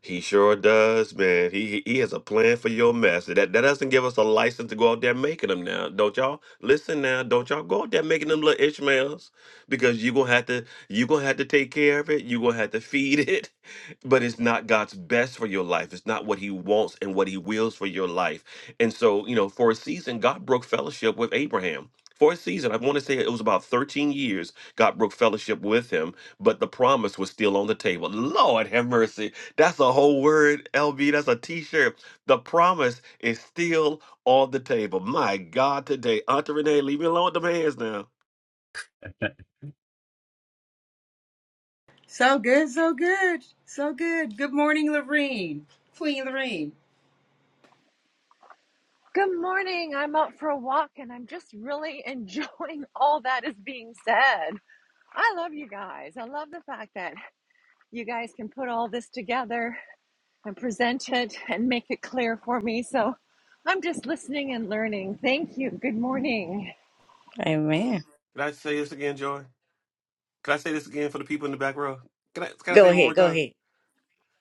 S4: He sure does, man. He he he has a plan for your mess. That that doesn't give us a license to go out there making them now. Don't y'all listen now. Don't y'all go out there making them little Ishmaels because you gonna have to you gonna have to take care of it. You gonna have to feed it. But it's not God's best for your life. It's not what He wants and what He wills for your life. And so you know, for a season, God broke fellowship with Abraham. For a season, I want to say it was about 13 years, God broke fellowship with him, but the promise was still on the table. Lord have mercy that's a whole word, LB. That's a t-shirt. The promise is still on the table. My God, today. Auntie Renee, leave me alone with them hands now.
S1: So good, so good, so good. Good morning, Lorene. Queen Lorene.
S7: Good morning. I'm out for a walk and I'm just really enjoying all that is being said. I love you guys. I love the fact that you guys can put all this together and present it and make it clear for me. So I'm just listening and learning. Thank you. Good morning.
S2: Amen.
S4: Can I say this again, Joy? Can I say this again for the people in the back row? Can I can I
S2: Go
S4: say it one
S2: ahead.
S4: more
S2: Go
S4: time?
S2: ahead.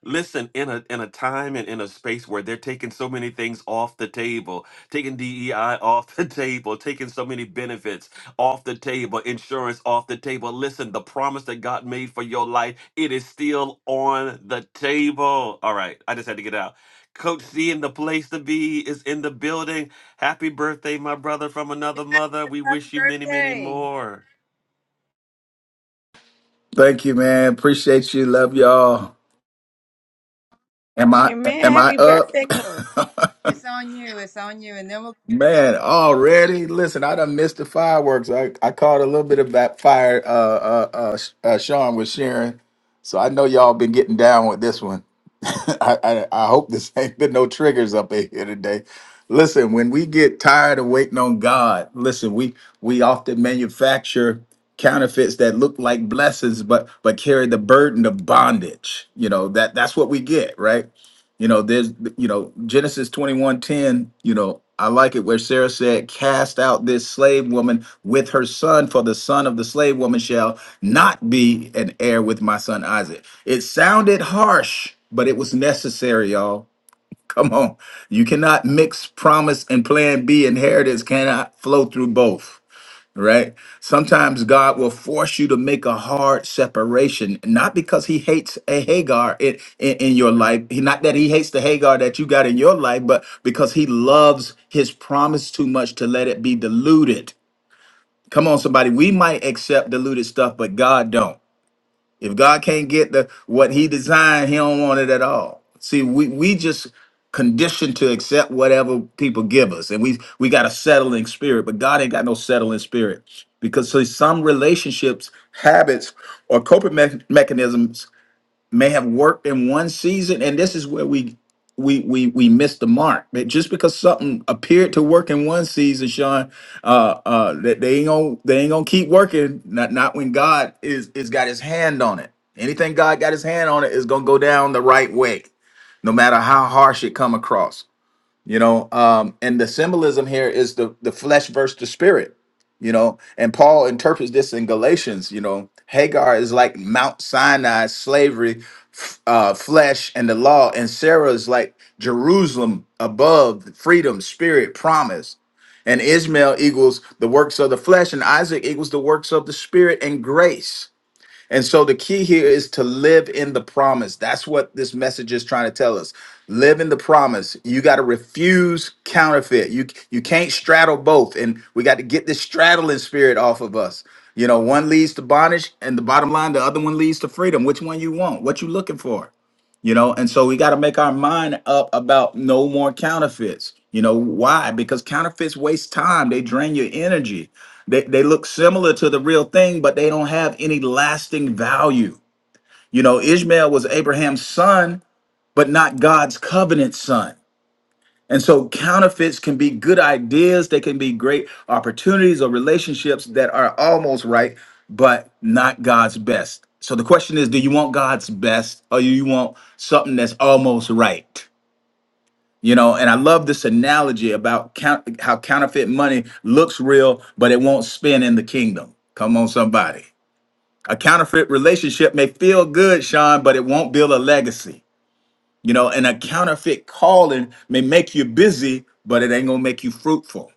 S4: Listen, in a in a time and in a space where they're taking so many things off the table, taking DEI off the table, taking so many benefits off the table, insurance off the table. Listen, the promise that God made for your life, it is still on the table. All right, I just had to get out. Coach C in the place to be is in the building. Happy birthday, my brother from another mother. We
S1: Happy
S4: wish you many, many
S1: birthday.
S4: more.
S8: Thank you, man. Appreciate you. Love y'all. Am I
S2: Amen.
S8: am I
S2: Happy birthday, Cole.
S8: up?
S1: It's on you. It's on you. And then we'll
S8: Man, already? Listen, I done missed the fireworks. I, I caught a little bit of that fire uh, uh, uh, Sh- uh, Sean was sharing. So I know y'all been getting down with this one. I, I, I hope this ain't been no triggers up in here today. Listen, when we get tired of waiting on God, listen, we we often manufacture counterfeits that look like blessings but but carry the burden of bondage. You know, that that's what we get, right? You know, there's, you know, Genesis 21 10. you know, I like it where Sarah said, Cast out this slave woman with her son, for the son of the slave woman shall not be an heir with my son Isaac. It sounded harsh, but it was necessary, y'all. Come on. You cannot mix promise and plan B. Inheritance cannot flow through both right? Sometimes God will force you to make a hard separation, not because He hates a Hagar in, in, in your life, He- not that He hates the Hagar that you got in your life, but because He loves His promise too much to let it be diluted. Come on, somebody. We might accept diluted stuff, but God don't. If God can't get the what he designed, he don't want it at all. See, we we just conditioned to accept whatever people give us. And we we got a settling spirit, but God ain't got no settling spirit. Because see, some relationships, habits, or coping mechanisms may have worked in one season and this is where we we we we missed the mark that just because something appeared to work in one season sean uh uh that they ain't gonna they ain't gonna keep working not not when god is is got his hand on it anything god got his hand on it is gonna go down the right way no matter how harsh it come across you know um and the symbolism here is the the flesh versus the spirit you know and paul interprets this in galatians you know hagar is like mount sinai slavery f- uh flesh and the law and sarah is like jerusalem above freedom spirit promise and ishmael equals the works of the flesh and isaac equals the works of the spirit and grace and so the key here is to live in the promise. That's what this message is trying to tell us. Live in the promise. You got to refuse counterfeit. You you can't straddle both. And we got to get this straddling spirit off of us. You know, one leads to bondage, and the bottom line, the other one leads to freedom. Which one you want? What you looking for? you know and so we got to make our mind up about no more counterfeits you know why because counterfeits waste time they drain your energy they, they look similar to the real thing but they don't have any lasting value you know ishmael was abraham's son but not god's covenant son and so counterfeits can be good ideas, they can be great opportunities or relationships that are almost right, but not God's best. So the question is, do you want God's best or you want something that's almost right? You know, and I love this analogy about count, how counterfeit money looks real, but it won't spin in the kingdom. Come on, somebody. A counterfeit relationship may feel good, Sean, but it won't build a legacy. You know, and a counterfeit calling may make you busy, but it ain't gonna make you fruitful.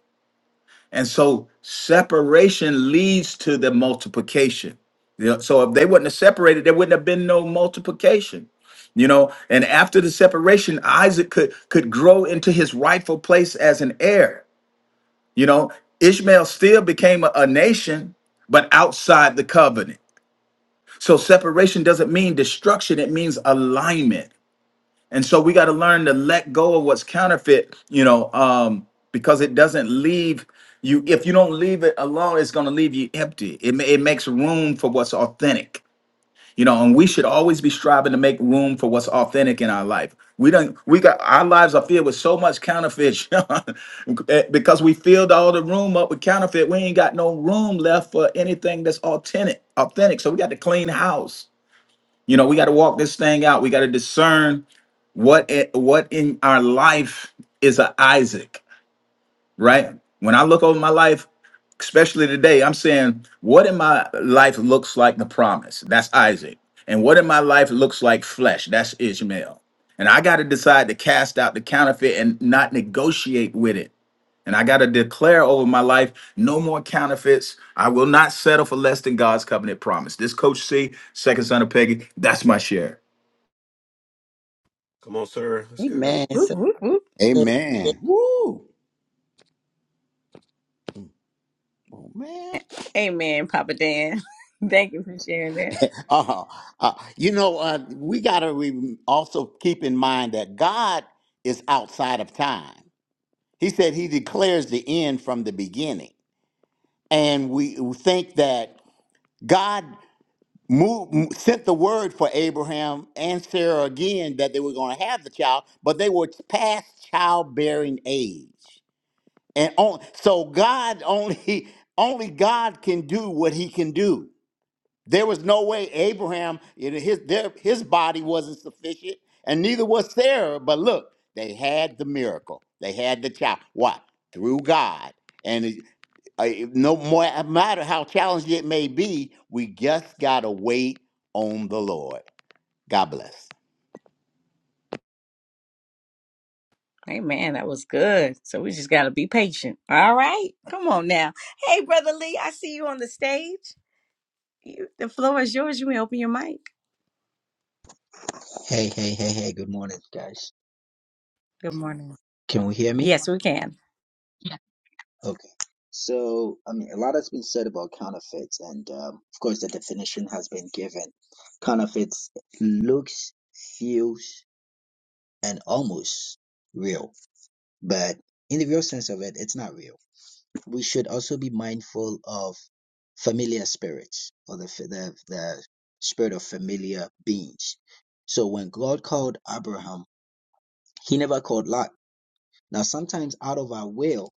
S8: And so separation leads to the multiplication. You know, so if they wouldn't have separated, there wouldn't have been no multiplication. You know, and after the separation, Isaac could could grow into his rightful place as an heir. You know, Ishmael still became a, a nation, but outside the covenant. So separation doesn't mean destruction, it means alignment. And so we got to learn to let go of what's counterfeit, you know, um, because it doesn't leave you. If you don't leave it alone, it's going to leave you empty. It, ma- it makes room for what's authentic, you know, and we should always be striving to make room for what's authentic in our life. We don't, we got our lives are filled with so much counterfeit Sean, eh, because we filled all the room up with counterfeit. We ain't got no room left for anything that's authentic, authentic. So we got to clean house. You know, we got to walk this thing out. We got to discern what i- what in our life is a Isaac, right? When I look over my life, especially today, I'm saying, what in my life looks like the promise? That's Isaac. And what in my life looks like flesh? That's Ishmael. And I got to decide to cast out the counterfeit and not negotiate with it. And I got to declare over my life, no more counterfeits. I will not settle for less than God's covenant promise. This Coach C, second son of Peggy, that's my share.
S4: Come on, sir. Let's go.
S5: amen so good
S3: Amen. Woo! Man,
S2: Amen, Papa Dan. Thank you for sharing that.
S3: Uh-huh. Uh, you know, uh, we got to re- also keep in mind that God is outside of time. He said he declares the end from the beginning. And we think that God moved, sent the word for Abraham and Sarah again that they were going to have the child, but they were past childbearing age. And on, so God only only God can do what he can do. There was no way Abraham, you know, his, their, his body wasn't sufficient, and neither was Sarah. But look, they had the miracle. They had the child. What? Through God. And it, uh, no more, no matter how challenging it may be, we just got to wait on the Lord. God bless.
S2: Amen. That was good. So we just got to be patient. All right. Come on now. Hey, Brother Lee, I see you on the stage. You, the floor is yours. You may open your mic.
S9: Hey, hey, hey, hey, good morning, guys.
S2: Good morning.
S9: Can we hear me?
S2: Yes, we can.
S9: Okay. So, I mean, a lot has been said about counterfeits, and um, of course, the definition has been given. Counterfeits looks, feels, and almost real, but in the real sense of it, it's not real. We should also be mindful of familiar spirits or the the, the spirit of familiar beings. So, when God called Abraham, he never called Lot Now, sometimes out of our will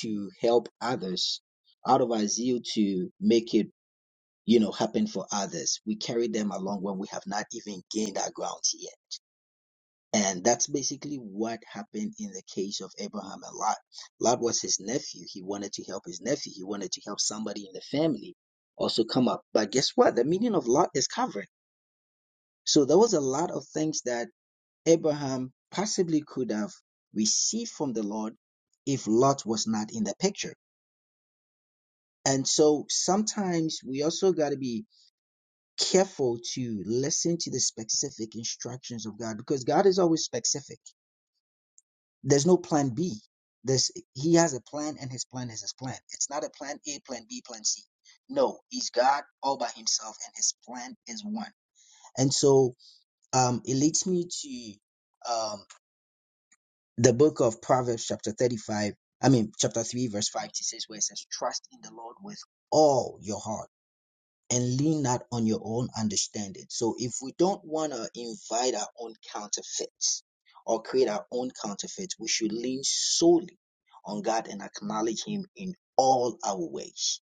S9: to help others, out of our zeal to make it, you know, happen for others, we carry them along when we have not even gained our ground yet. And that's basically what happened in the case of Abraham and Lot. Lot was his nephew. He wanted to help his nephew. He wanted to help somebody in the family also come up. But guess what? The meaning of Lot is covering. So there was a lot of things that Abraham possibly could have received from the Lord if Lot was not in the picture. And so sometimes we also got to be careful to listen to the specific instructions of God because God is always specific. There's no plan B. There's, he has a plan and his plan is his plan. It's not a plan A, plan B, plan C. No, he's God all by himself and his plan is one. And so um, it leads me to um, the book of Proverbs, chapter 35, I mean, chapter 3, verse 5, it says, where it says, Trust in the Lord with all your heart and lean not on your own understanding. So if we don't want to invite our own counterfeits or create our own counterfeits, we should lean solely on God and acknowledge Him in all our ways.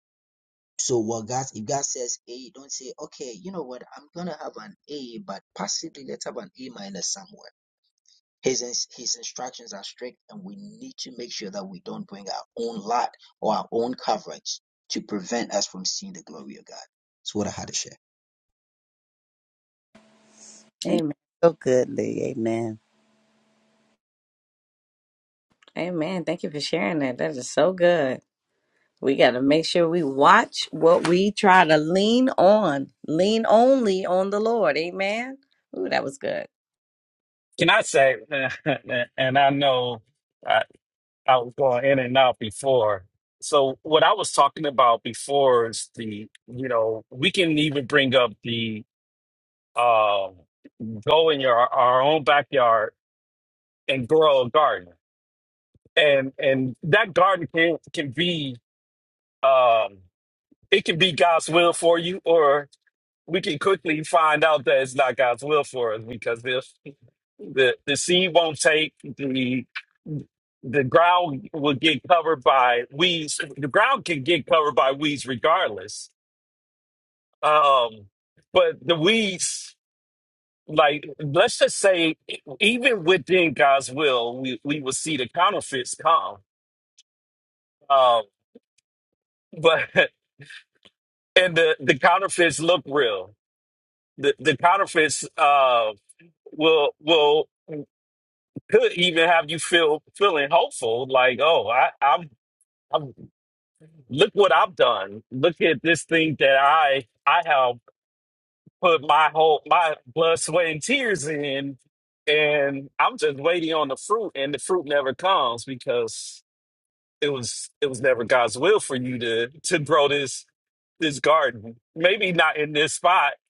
S9: So what God, if God says A, don't say, okay, you know what, I'm gonna have an A, but possibly let's have an A minus somewhere his, ins- his instructions are strict, and we need to make sure that we don't bring our own lot or our own coverage to prevent us from seeing the glory of God. That's what I had to share.
S5: amen.
S2: Amen.
S5: so good lee amen
S2: Amen. Thank you for sharing that. That is so good. We got to make sure we watch what we try to lean on. Lean only on the Lord. Amen. Ooh, that was good.
S6: can i say and i know I was going in and out before. So what I was talking about before is the, you know, we can even bring up the um go in your our own backyard and grow a garden. And and that garden can can be um it can be God's will for you or we can quickly find out that it's not God's will for us because if. The the seed won't take the the ground will get covered by weeds. The ground can get covered by weeds regardless. Um, but the weeds, like let's just say, even within God's will, we, we will see the counterfeits come. Um, but and the, the counterfeits look real. The the counterfeits uh will will could even have you feel feeling hopeful, like oh I I'm. look what I've done. Look at this thing that I I have put my whole my blood, sweat, and tears in, and I'm just waiting on the fruit, and the fruit never comes because it was it was never God's will for you to to grow this this garden. Maybe not in this spot.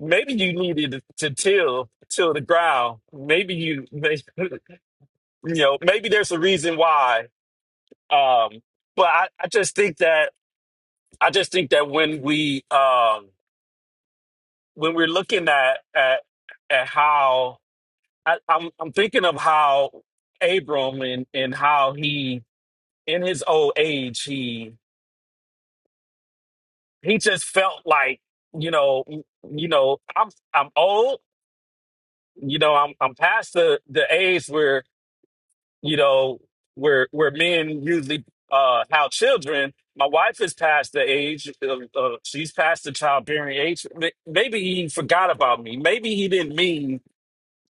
S6: Maybe you needed to till till the ground. Maybe you, may, you know, maybe there's a reason why. Um, but I, I just think that I just think that when we um, when we're looking at at, at how I, I'm I'm thinking of how Abram and and how he in his old age he he just felt like you know you know I'm I'm old you know I'm I'm past the the age where you know, where where men usually uh have children. My wife is past the age of, of she's past the childbearing age. May- Maybe he forgot about me. Maybe he didn't mean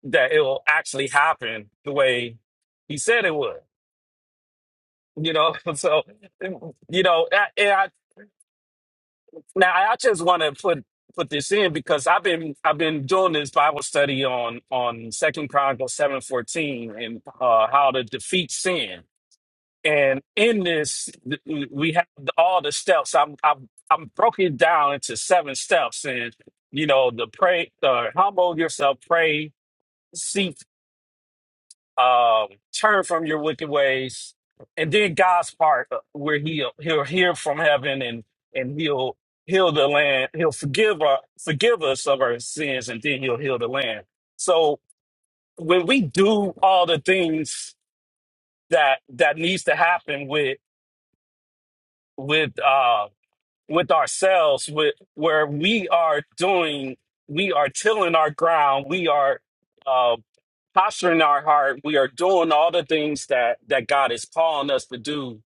S6: that it'll actually happen the way he said it would. You know, so you know, I- and I, now I just want to put put this in because I've been I've been doing this Bible study on on Second Chronicles seven fourteen and uh, how to defeat sin And in this, th- we we have the- all the steps. I'm I'm I'm broken it down into seven steps, and you know the pray, uh, humble yourself, pray, seek, um, turn from your wicked ways, and then God's part uh, where he'll he'll hear from heaven and and he'll heal the land. He'll forgive our forgive us of our sins, and then he'll heal the land. So when we do all the things that that needs to happen with with. um with ourselves with where we are doing we are tilling our ground we are uh posturing our heart we are doing all the things that that god is calling us to do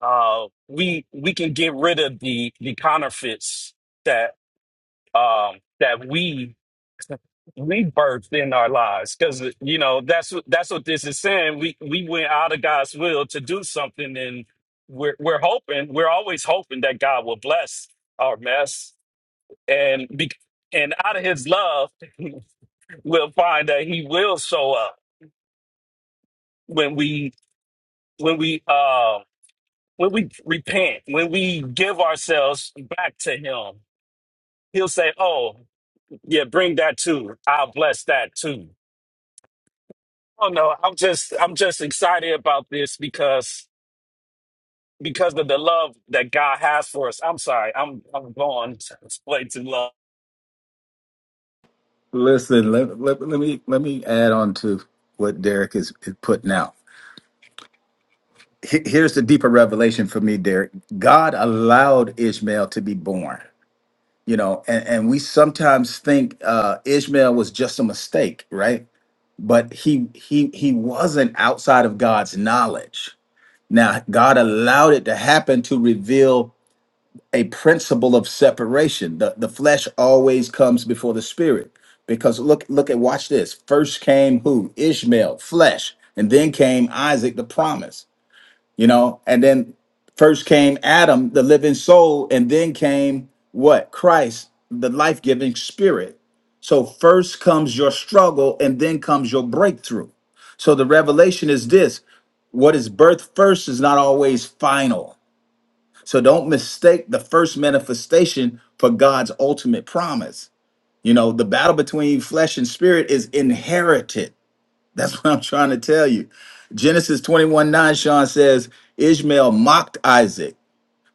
S6: uh we we can get rid of the the counterfeits um, that we we birthed in our lives because you know that's what that's what this is saying we we went out of god's will to do something and we're we're hoping we're always hoping that god will bless our mess and be, and out of his love we'll find that he will show up when we when we uh when we repent when we give ourselves back to him he'll say oh yeah bring that too i'll bless that too Oh no! I'm just I'm just excited about this because because of the love that God has for us. I'm sorry. I'm I'm going to way too long.
S8: Listen, let, let, let me let me add on to what Derek is, is putting out. He- Here's the deeper revelation for me, Derek. God allowed Ishmael to be born, you know, and, and we sometimes think uh, Ishmael was just a mistake, right? But he he he wasn't outside of God's knowledge. Now, God allowed it to happen to reveal a principle of separation. The the flesh always comes before the spirit. Because look, look at watch this. First came who? Ishmael, flesh, and then came Isaac, the promise, you know, and then first came Adam, the living soul, and then came what? Christ, the life-giving spirit. So first comes your struggle and then comes your breakthrough. So the revelation is this: what is birth first is not always final so don't mistake the first manifestation for God's ultimate promise. You know, the battle between flesh and spirit is inherited. That's what I'm trying to tell you. Genesis 21 9, Sean says, Ishmael mocked Isaac.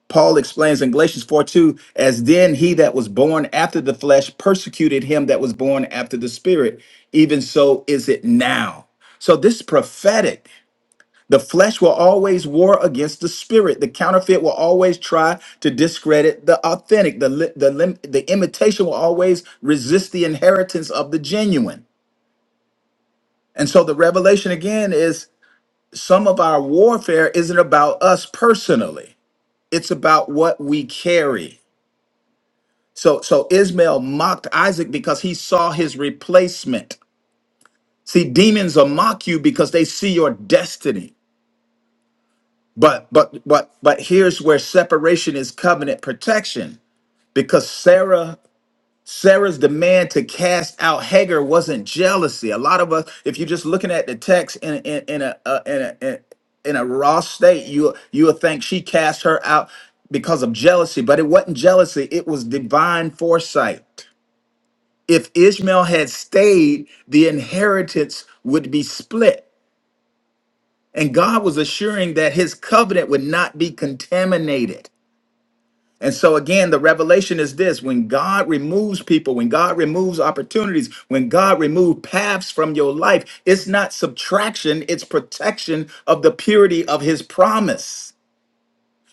S8: Paul explains in Galatians 4 2, as then he that was born after the flesh persecuted him that was born after the spirit. Even so is it now. So this is prophetic the flesh will always war against the spirit. The counterfeit will always try to discredit the authentic. The, li- the, lim- the imitation will always resist the inheritance of the genuine. And so the revelation again is some of our warfare isn't about us personally, it's about what we carry. So, so Ismail mocked Isaac because he saw his replacement. See, demons will mock you because they see your destiny. But but but but here's where separation is covenant protection because Sarah Sarah's demand to cast out Hagar wasn't jealousy. A lot of us, if you're just looking at the text in in, in a uh, in a in, in a raw state, you you'll think she cast her out because of jealousy, but it wasn't jealousy. It was divine foresight. If Ishmael had stayed, the inheritance would be split. And God was assuring that his covenant would not be contaminated. And so, again, the revelation is this when God removes people, when God removes opportunities, when God removes paths from your life, it's not subtraction, it's protection of the purity of his promise.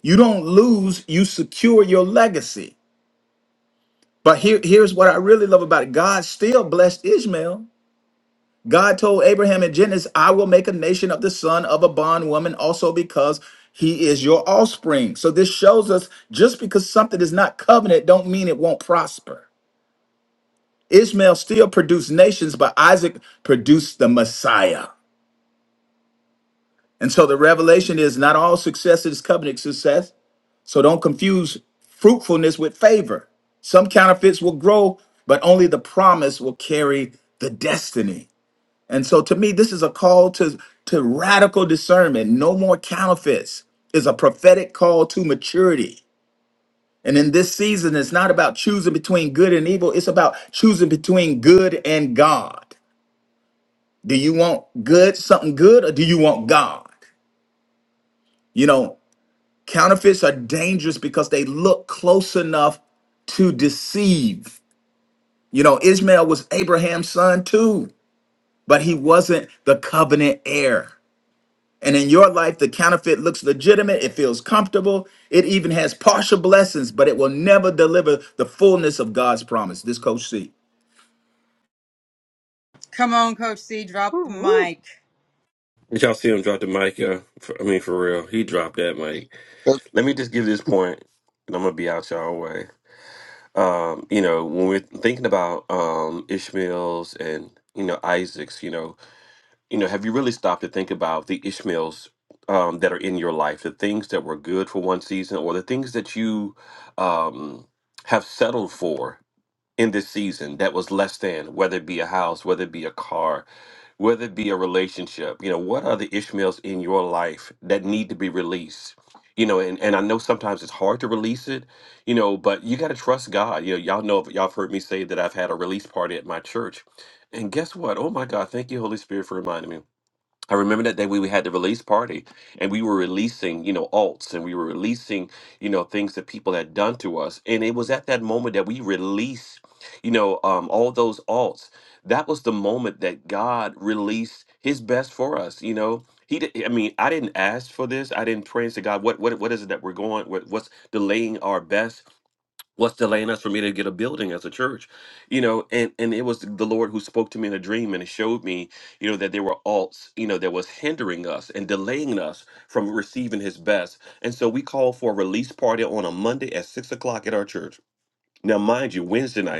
S8: You don't lose, you secure your legacy. But here, here's what I really love about it God still blessed Ishmael God told Abraham in Genesis, I will make a nation of the son of a bondwoman also because he is your offspring. So this shows us just because something is not covenant don't mean it won't prosper. Ishmael still produced nations, but Isaac produced the Messiah. And so the revelation is not all success is covenant success. So don't confuse fruitfulness with favor. Some counterfeits will grow, but only the promise will carry the destiny. And so to me, this is a call to, to radical discernment. No more counterfeits. It's a prophetic call to maturity. And in this season, it's not about choosing between good and evil. It's about choosing between good and God. Do you want good, something good, or do you want God? You know, counterfeits are dangerous because they look close enough to deceive. You know, Ishmael was Abraham's son too, but he wasn't the covenant heir. And in your life, the counterfeit looks legitimate, it feels comfortable, it even has partial blessings, but it will never deliver the fullness of God's promise. This Coach C.
S1: come on, Coach C. Drop
S2: Woo,
S1: the
S2: woo,
S1: mic.
S4: Did y'all see him drop the mic? Yeah, for, I mean, for real, he dropped that mic.
S5: so,
S4: Let me just give this point, and I'm gonna be out y'all way. Um, you know, when we're thinking about um, Ishmael's and you know Isaac's, you know, you know, have you really stopped to think about the Ishmael's um, that are in your life, the things that were good for one season, or the things that you um, have settled for in this season that was less than, whether it be a house, whether it be a car, whether it be a relationship, you know, what are the Ishmaels in your life that need to be released? You know, and, and I know sometimes it's hard to release it, you know, but you got to trust God. You know, y'all know, y'all have heard me say that I've had a release party at my church. And guess what? Oh my God, thank you, Holy Spirit, for reminding me. I remember that day we we had the release party and we were releasing, you know, alts and we were releasing, you know, things that people had done to us. And it was at that moment that we released, you know, um, all those alts. That was the moment that God released his best for us, you know. He did, I mean, I didn't ask for this. I didn't pray and say, God, what what what is it that we're going? What, what's delaying our best? what's delaying us from me to get a building as a church you know and and it was the lord who spoke to me in a dream and it showed me you know that there were alts you know that was hindering us and delaying us from receiving his best and so we called for a release party on a monday at six o'clock at our church now mind you wednesday night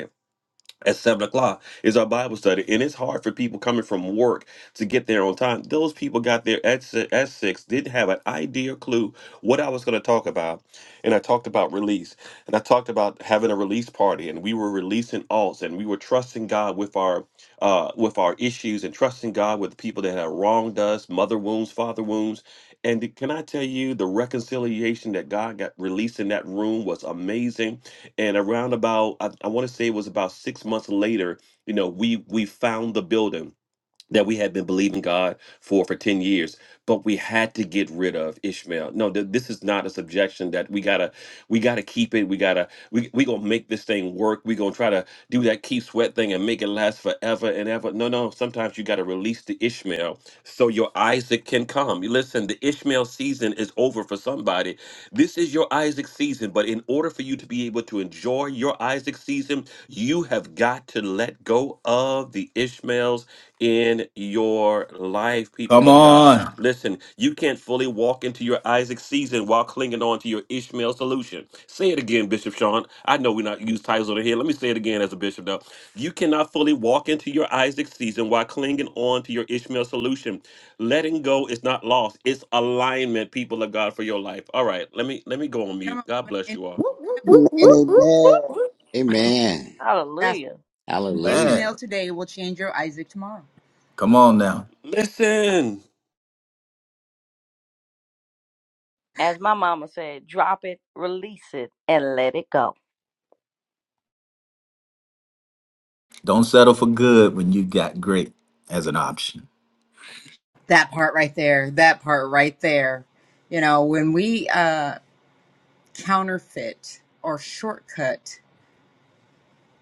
S4: at seven o'clock is our Bible study, and it's hard for people coming from work to get there on time. Those people got there at si- at six, didn't have an idea or clue what I was going to talk about, and I talked about release, and I talked about having a release party, and we were releasing alts, and we were trusting God with our uh, with our issues, and trusting God with the people that have wronged us, mother wounds, father wounds. And can I tell you, the reconciliation that God got released in that room was amazing and around about I, I want to say it was about six months later you know we we found the building that we had been believing God for for 10 years, but we had to get rid of Ishmael. No, th- this is not a subjection that we gotta we gotta keep it. We gotta we we gonna make this thing work. We gonna try to do that keep sweat thing and make it last forever and ever. No, no. Sometimes you gotta release the Ishmael so your Isaac can come. You Listen, the Ishmael season is over for somebody. This is your Isaac season, but in order for you to be able to enjoy your Isaac season, you have got to let go of the Ishmaels in your life,
S8: Come
S4: people of God.
S8: on.
S4: Listen, you can't fully walk into your Isaac season while clinging on to your Ishmael solution. Say it again, Bishop Sean. I know we not use titles over here. Let me say it again as a bishop, though. You cannot fully walk into your Isaac season while clinging on to your Ishmael solution. Letting go is not loss; it's alignment, people of God, for your life. All right, let me let me go on
S1: Come
S4: mute. God bless you
S1: on.
S4: all.
S8: Whoop, whoop, whoop, whoop, whoop.
S5: amen
S2: woo.
S3: Amen.
S1: That's what
S2: Hallelujah.
S3: Hallelujah.
S8: Man,
S1: Ishmael today will change your Isaac tomorrow.
S8: come on now.
S4: Listen.
S2: As my mama said, drop it, release it, and let it go.
S8: Don't settle for good when you got great as an option.
S1: That part right there. That part right there. You know, when we uh counterfeit or shortcut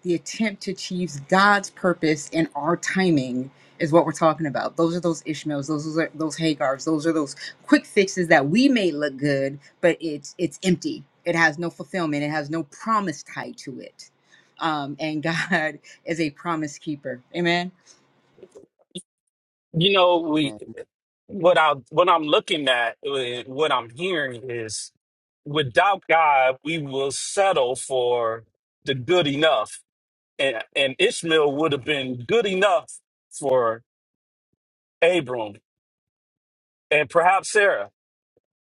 S1: the attempt to achieve God's purpose in our timing is what we're talking about. Those are those Ishmaels, those are those Hagars, those are those quick fixes that we may look good, but it's it's empty. It has no fulfillment. It has no promise tied to it. Um, and God is a promise keeper. Amen.
S6: You know, we
S5: amen
S6: what I what I'm looking at eh, what I'm hearing is without God, we will settle for the good enough. And and Ishmael would have been good enough for Abram and perhaps Sarah.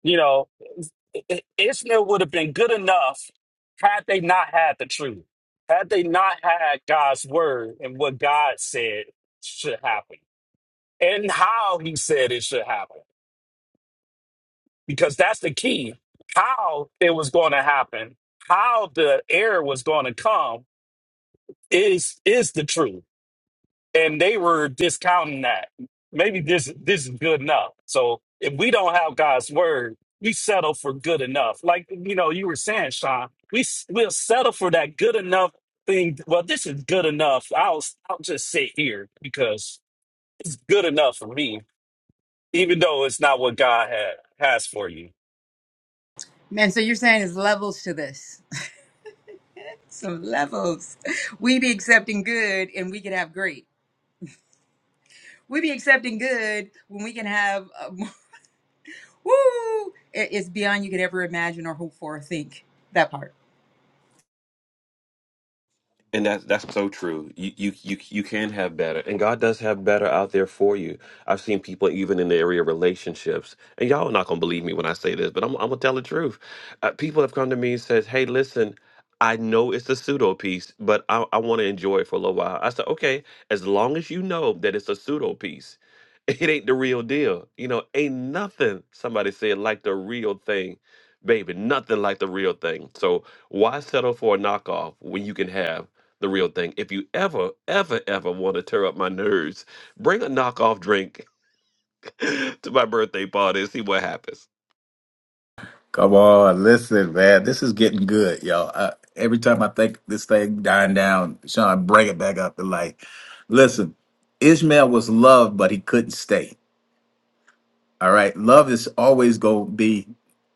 S6: You know, I- Ishmael would have been good enough had they not had the truth, had they not had God's word and what God said should happen and how he said it should happen, because that's the key how it was going to happen, how the error was going to come is is the truth and they were discounting that. Maybe this this is good enough. So if we don't have God's word, we settle for good enough. Like you know, you were saying, Sean, we s- we'll settle for that good enough thing. Well, this is good enough. I'll s- I'll just sit here because it's good enough for me, even though it's not what God had, has for you.
S1: Man, so you're saying there's levels to this. Some levels. We be accepting good and we can have great we be accepting good when we can have uh, Woo! It's beyond you could ever imagine or hope for or think. That part.
S4: And that's that's so true. You you you you can have better, and God does have better out there for you. I've seen people even in the area of relationships, and y'all are not gonna believe me when I say this, but I'm I'm gonna tell the truth. Uh, people have come to me and says, "Hey, listen, I know it's a pseudo piece, but I I want to enjoy it for a little while." I said, "Okay, as long as you know that it's a pseudo piece, it ain't the real deal. You know, ain't nothing." Somebody said like the real thing, baby, nothing like the real thing. So why settle for a knockoff when you can have? the real thing. If you ever, ever, ever want to tear up my nerves, bring a knockoff drink to my birthday party and see what happens.
S8: Come on, listen, man. This is getting good, y'all. I, every time I think this thing dying down, Sean, bring it back up to life. Listen, Ishmael was loved, but he couldn't stay. All right. Love is always going to be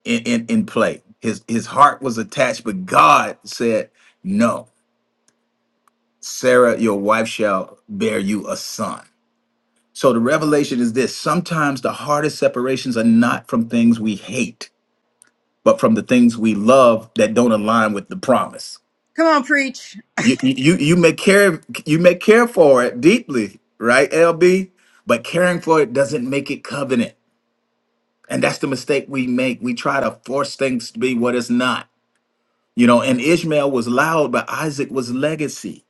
S8: in, in, in play. His his heart was attached, but God said, No, Sarah, your wife shall bear you a son. So the revelation is this sometimes the hardest separations are not from things we hate, but from the things we love that don't align with the promise.
S1: Come on, preach.
S8: You you you may care you may care for it deeply, right, LB? But caring for it doesn't make it covenant. And that's the mistake we make. We try to force things to be what it's not. You know, and Ishmael was loud, but Isaac was legacy.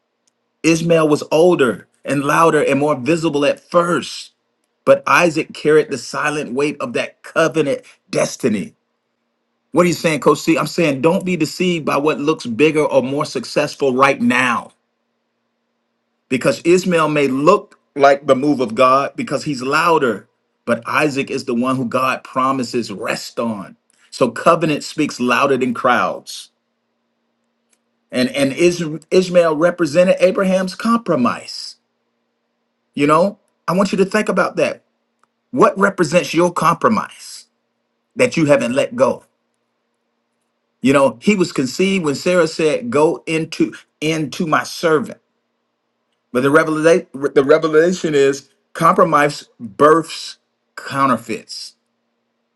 S8: Ishmael was older and louder and more visible at first, but Isaac carried the silent weight of that covenant destiny. What are you saying, Coach C? I'm saying don't be deceived by what looks bigger or more successful right now. because Ishmael may look like the move of God because he's louder, but Isaac is the one who God promises rest on. So covenant speaks louder than crowds. And and Is- Ishmael represented Abraham's compromise. You know, I want you to think about that. What represents your compromise that you haven't let go? You know, he was conceived when Sarah said, "Go into into my servant." But the revelation, the revelation is compromise births counterfeits.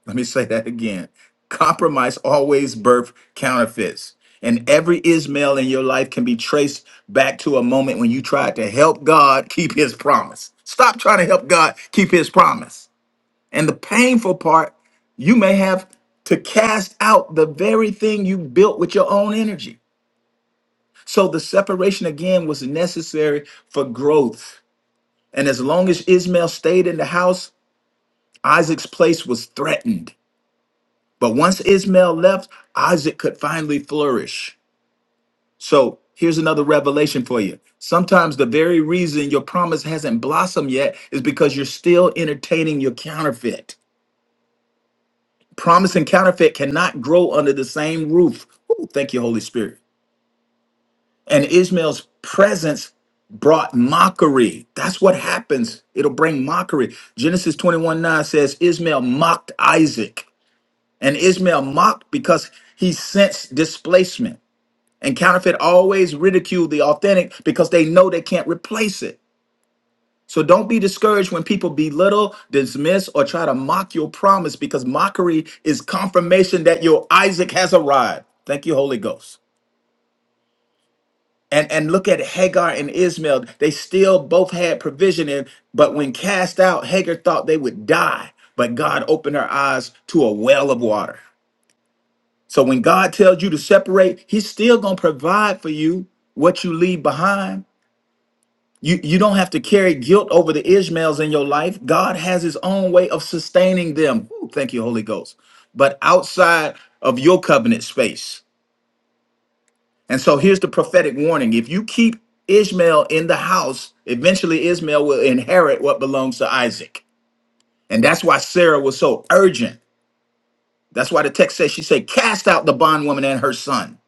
S8: Let me say that again. Compromise always birth counterfeits. And every Ismail in your life can be traced back to a moment when you tried to help God keep his promise. Stop trying to help God keep his promise. And the painful part, you may have to cast out the very thing you built with your own energy. So the separation again was necessary for growth and as long as Ishmael stayed in the house, Isaac's place was threatened. But once Ishmael left, Isaac could finally flourish. So here's another revelation for you. Sometimes the very reason your promise hasn't blossomed yet is because you're still entertaining your counterfeit. Promise and counterfeit cannot grow under the same roof. Ooh, thank you, Holy Spirit. And Ishmael's presence brought mockery. That's what happens. It'll bring mockery. Genesis 21 9 says, Ishmael mocked Isaac. And Ishmael mocked because he sensed displacement. And counterfeit always ridicule the authentic because they know they can't replace it. So don't be discouraged when people belittle, dismiss, or try to mock your promise because mockery is confirmation that your Isaac has arrived. Thank you, Holy Ghost. and and look at Hagar and Ishmael. They still both had provision in, but when cast out, Hagar thought they would die. But God opened her eyes to a well of water. So when God tells you to separate, He's still gonna provide for you what you leave behind. You you don't have to carry guilt over the Ishmaels in your life. God has His own way of sustaining them. Ooh, thank you, Holy Ghost. But outside of your covenant space. And so here's the prophetic warning if you keep Ishmael in the house, eventually Ishmael will inherit what belongs to Isaac. And that's why Sarah was so urgent. That's why the text says she said, Cast out the bondwoman and her son.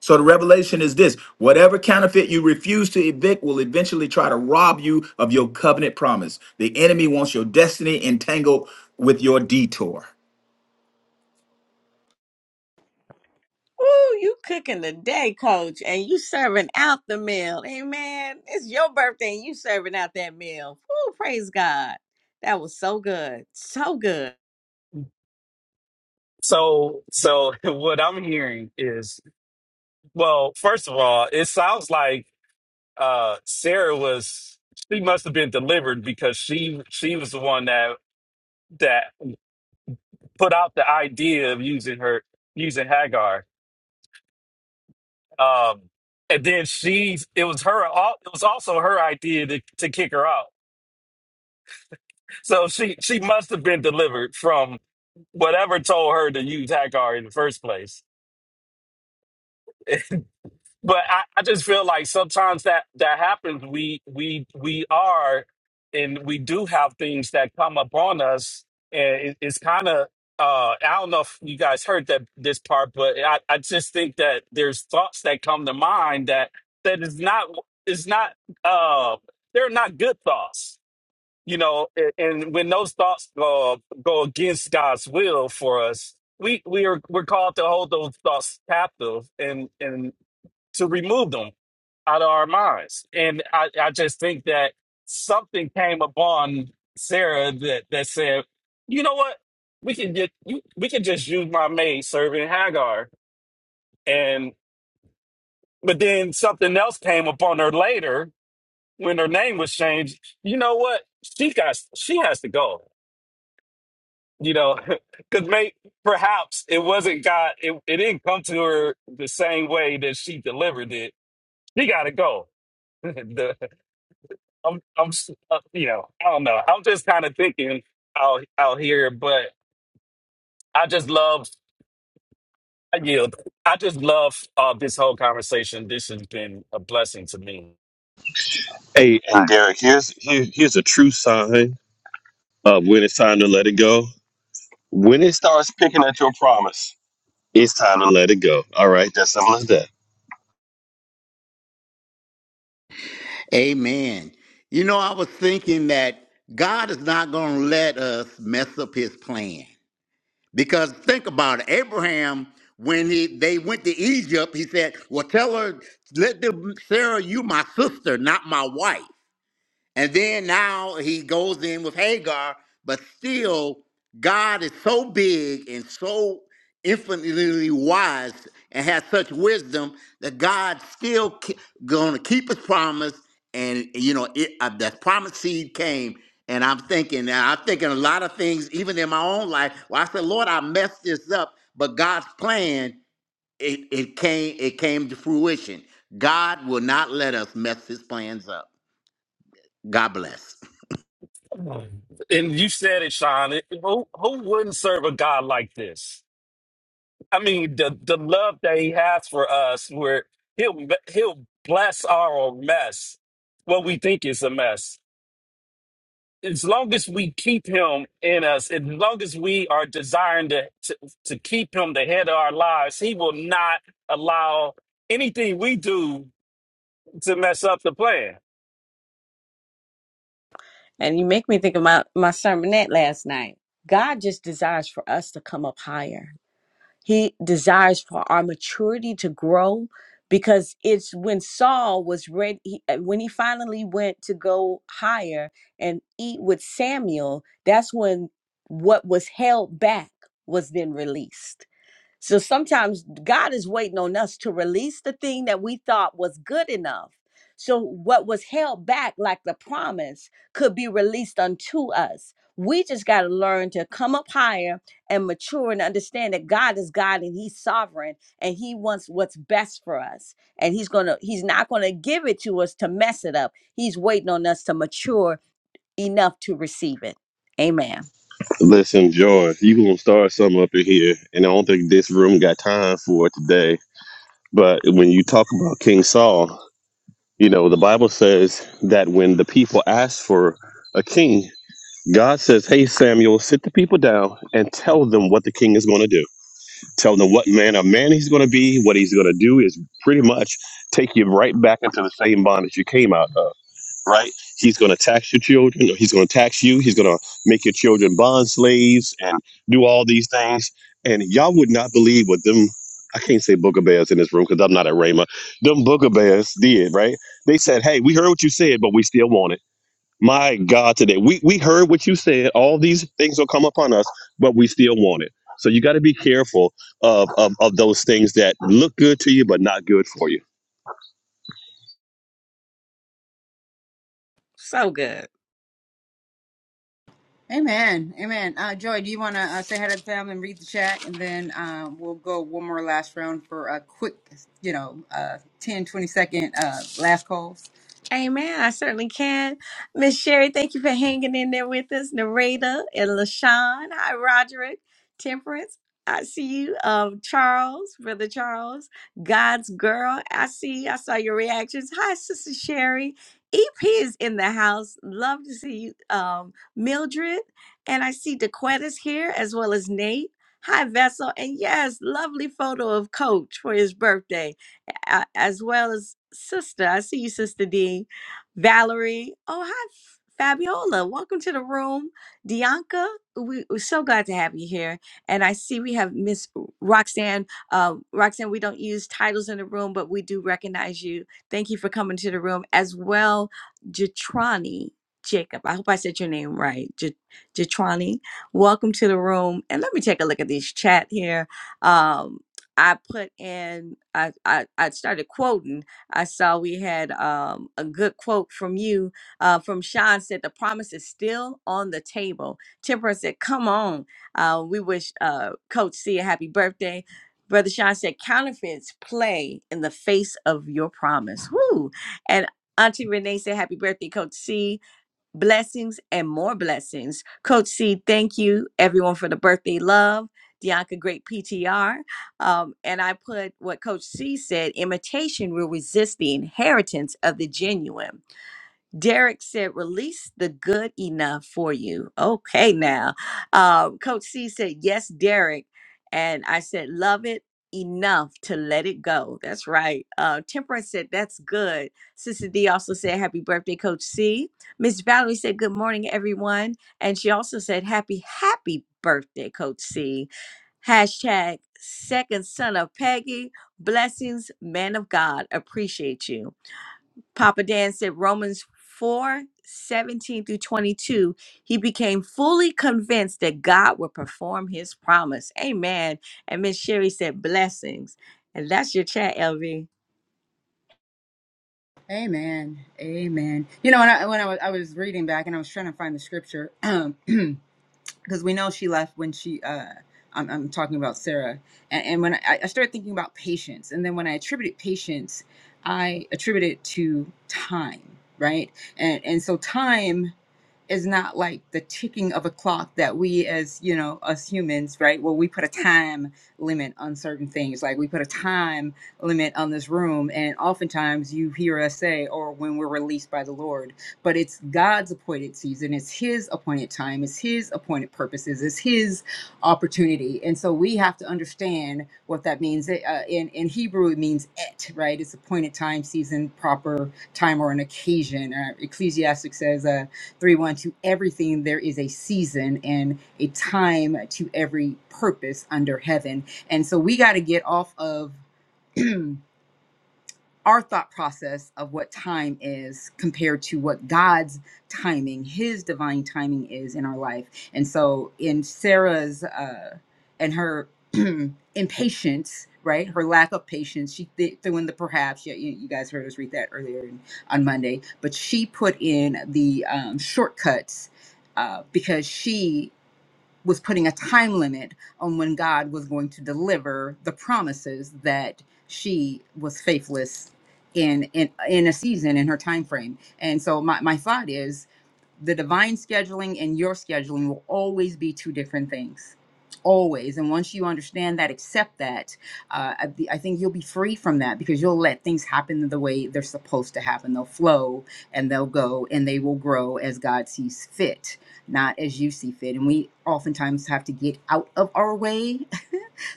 S8: So the revelation is this whatever counterfeit you refuse to evict will eventually try to rob you of your covenant promise. The enemy wants your destiny entangled with your detour.
S2: Ooh, you cooking the day, coach, and you serving out the meal. Amen. It's your birthday and you serving out that meal. Ooh, praise God. That was so good. So good.
S6: So so what I'm hearing is, well, first of all, it sounds like uh Sarah was she must have been delivered because she she was the one that that put out the idea of using her using Hagar. Um and then she it was her al- it was also her idea to, to kick her out. So she she must have been delivered from whatever told her to use Hagar in the first place. but I, I just feel like sometimes that that happens. We we we are, and we do have things that come upon us, and it, it's kind of. Uh, I don't know if you guys heard that this part, but I, I just think that there's thoughts that come to mind that that is not is not uh they're not good thoughts, you know. And, and when those thoughts go go against God's will for us, we we are we're called to hold those thoughts captive and and to remove them out of our minds. And I, I just think that something came upon Sarah that, that said, you know what? We can get you, we can just use my maid serving Hagar. And but then something else came upon her later when her name was changed. You know what? She got she has to go. You know, because may perhaps it wasn't God. It, it didn't come to her the same way that she delivered it. She got to go. The- I'm, I'm, s- uh, you know, I don't know. I'm just kind of thinking out out here, but I just love. I yield. I just love uh, this whole conversation. This has been a blessing to me.
S4: Hey, hey, Derek. Here's here, here's a true sign of when it's time to let it go. When it starts picking at your promise, it's time to let it go. All right, that's simple as that.
S3: Amen. You know, I was thinking that God is not going to let us mess up his plan. Because think about it, Abraham, when he they went to Egypt, he said, "Well, tell her, let the Sarah, you my sister, not my wife." And then now he goes in with Hagar, but still, God is so big and so infinitely wise and has such wisdom that God still ke- gonna keep his promise. And you know, it, uh, that promise seed came. And I'm thinking, and I'm thinking a lot of things, even in my own life. Well, I said, Lord, I messed this up, but God's plan it, it came it came to fruition. God will not let us mess His plans up. God bless.
S6: And you said it, Sean. It- Who who wouldn't serve a God like this? I mean, the the love that He has for us, where He'll He'll bless our mess, what we think is a mess as long as we keep him in us, as long as we are desiring to, to, to keep him the head of our lives, he will not allow anything we do to mess up the plan.
S2: And you make me think of my, my sermonette last night. God just desires for us to come up higher. He desires for our maturity to grow because it's when Saul was ready, he- uh, when he finally went to go higher and eat with Samuel, that's when what was held back was then released so sometimes God is waiting on us to release the thing that we thought was good enough. So what was held back, like the promise, could be released unto us. We just got to learn to come up higher and mature and understand that God is God and He's sovereign and He wants what's best for us. And He's going to, He's not going to give it to us to mess it up. He's waiting on us to mature enough to receive it. Amen.
S4: Listen, George, you gonna start something up in here, and I don't think this room got time for it today. But when you talk about King Saul, you know the Bible says that when the people asked for a king, God says, Hey, Samuel, sit the people down and tell them what the king is going to do. Tell them what manner of man he's going to be. What he's going to do is pretty much take you right back into the same bondage you came out of, right? He's going to tax your children. He's going to tax you. He's going to make your children bond slaves and do all these things. And y'all would not believe what them, I can't say booger bears in this room because I'm not at Rhema. Them booger bears did, right? They said, Hey, we heard what you said, but we still want it my God, today we we heard what you said. All these things will come upon us, but we still want it. So you got to be careful of, of of those things that look good to you but not good for you.
S2: So good.
S1: Amen. Amen. Uh, Joy, do you want to uh, say hi to the family and read the chat? And then uh, we'll go one more last round for a quick, you know, uh, 10, twenty second uh, last calls.
S2: Amen. I certainly can. Miss Sherry, thank you for hanging in there with us. Narada and LaShawn. Hi, Roderick. Temperance. I see you. Um, Charles, Brother Charles. God's girl. I see you. I saw your reactions. Hi, Sister Sherry. EP is in the house. Love to see you. Um, Mildred. And I see DeQuetta's here as well as Nate. Hi, Vessel. And yes, lovely photo of Coach for his birthday a- as well as sister. I see you, sister D. Valerie. Oh, hi, F- Fabiola. Welcome to the room. Dianca, we, we're so glad to have you here. And I see we have Miss Roxanne. Uh, Roxanne, we don't use titles in the room, but we do recognize you. Thank you for coming to the room as well. Jatrani Jacob. I hope I said your name right. Ja- Jatrani, welcome to the room. And let me take a look at this chat here. Um, I put in, I, I, I started quoting. I saw we had um, a good quote from you, uh, from Sean said, The promise is still on the table. Temperance said, Come on. Uh, we wish uh, Coach C a happy birthday. Brother Sean said, Counterfeits play in the face of your promise. Woo! And Auntie Renee said, Happy birthday, Coach C blessings and more blessings. Coach C, thank you everyone for the birthday love. Dianca, great PTR. Um, and I put what Coach C said imitation will resist the inheritance of the genuine. Derek said, release the good enough for you. Okay, now. Um, Coach C said, yes, Derek. And I said, love it enough to let it go. That's right. Uh, Temperance said, that's good. Sister D also said, happy birthday, Coach C. Miss Valerie said, good morning, everyone. And she also said, happy, happy birthday, Coach C. Hashtag second son of Peggy. Blessings, man of God. Appreciate you. Papa Dan said Romans 4 17 through 22, he became fully convinced that God would perform his promise. Amen. And Miss Sherry said, blessings. And that's your chat, LV.
S1: Amen. Amen. You know, when I, when I was, I was reading back and I was trying to find the scripture, because we know she left when she uh I'm, I'm talking about Sarah and, and when I, I started thinking about patience and then when I attributed patience I attributed it to time right and and so time is not like the ticking of a clock that we as you know us humans right well we put a time limit on certain things like we put a time limit on this room and oftentimes you hear us say or when we're released by the lord but it's God's appointed season. It's His appointed time. It's His appointed purposes. It's His opportunity. And so we have to understand what that means. It, Uh, in in Hebrew, it means et, right? It's appointed time, season, proper time, or an occasion. Uh, Ecclesiastic says uh, three one to everything there is a season and a time to every purpose under heaven. And so we got to get off of our thought process of what time is compared to what God's timing, His divine timing is in our life. And so, in Sarah's uh, and her impatience, right, her lack of patience, she th- threw in the perhaps. Yeah, you, you guys heard us read that earlier on Monday, but she put in the um, shortcuts uh, because she was putting a time limit on when God was going to deliver the promises that she was faithless in in in a season in her time frame. And so my, my thought is the divine scheduling and your scheduling will always be two different things always and once you understand that accept that uh, I, I think you'll be free from that because you'll let things happen the way they're supposed to happen they'll flow and they'll go and they will grow as god sees fit not as you see fit and we oftentimes have to get out of our way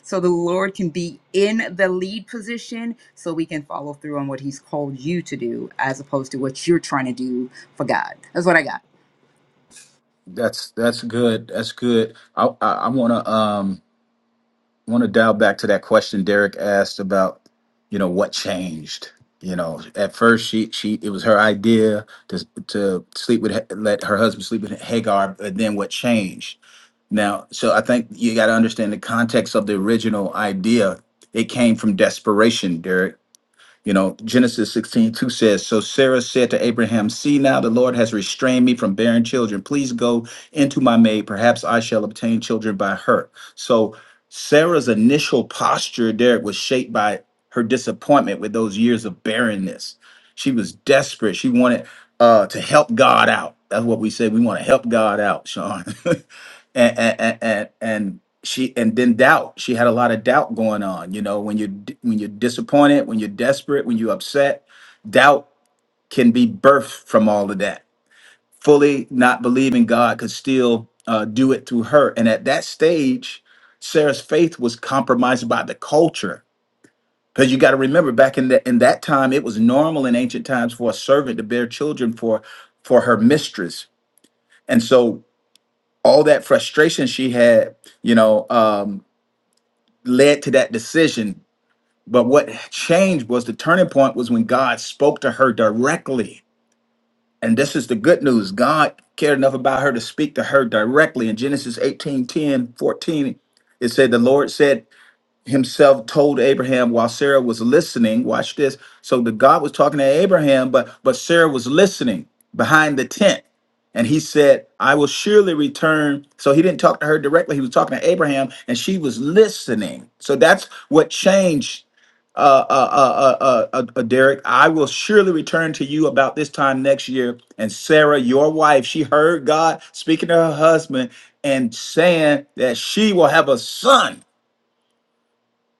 S1: so the Lord can be in the lead position so we can follow through on what He's called you to do as opposed to what you're trying to do for God. That's what I got.
S8: That's that's good. That's good. I I, I want to. um. I want to dial back to that question Derek asked about, you know, what changed. You know, at first she she it was her idea to to sleep with Ha- let her husband sleep with Hagar, but then what changed? Now, so I think you got to understand the context of the original idea. It came from desperation, Derek you know, Genesis 16 2 says, So Sarah said to Abraham, See now the Lord has restrained me from bearing children. Please go into my maid. Perhaps I shall obtain children by her. So Sarah's initial posture there was shaped by her disappointment with those years of barrenness. She was desperate. She wanted uh, to help God out. That's what we say. We want to help God out, Sean. and, and, and, and she and then doubt she had a lot of doubt going on you know when you when you're disappointed when you're desperate when you're upset doubt can be birthed from all of that fully not believing god could still uh, do it through her and at that stage sarah's faith was compromised by the culture because you got to remember back in that in that time it was normal in ancient times for a servant to bear children for for her mistress and so all that frustration she had you know um led to that decision But what changed was the turning point was when God spoke to her directly. And this is the good news. God cared enough about her to speak to her directly. In Genesis 18 10 14, it said, The Lord said himself told Abraham while Sarah was listening. Watch this. So the God was talking to Abraham, but but Sarah was listening behind the tent. And he said, I will surely return. So he didn't talk to her directly. He was talking to Abraham and she was listening. So that's what changed uh, uh, uh, uh, uh, uh, Derek, I will surely return to you about this time next year. And Sarah, your wife, she heard God speaking to her husband and saying that she will have a son.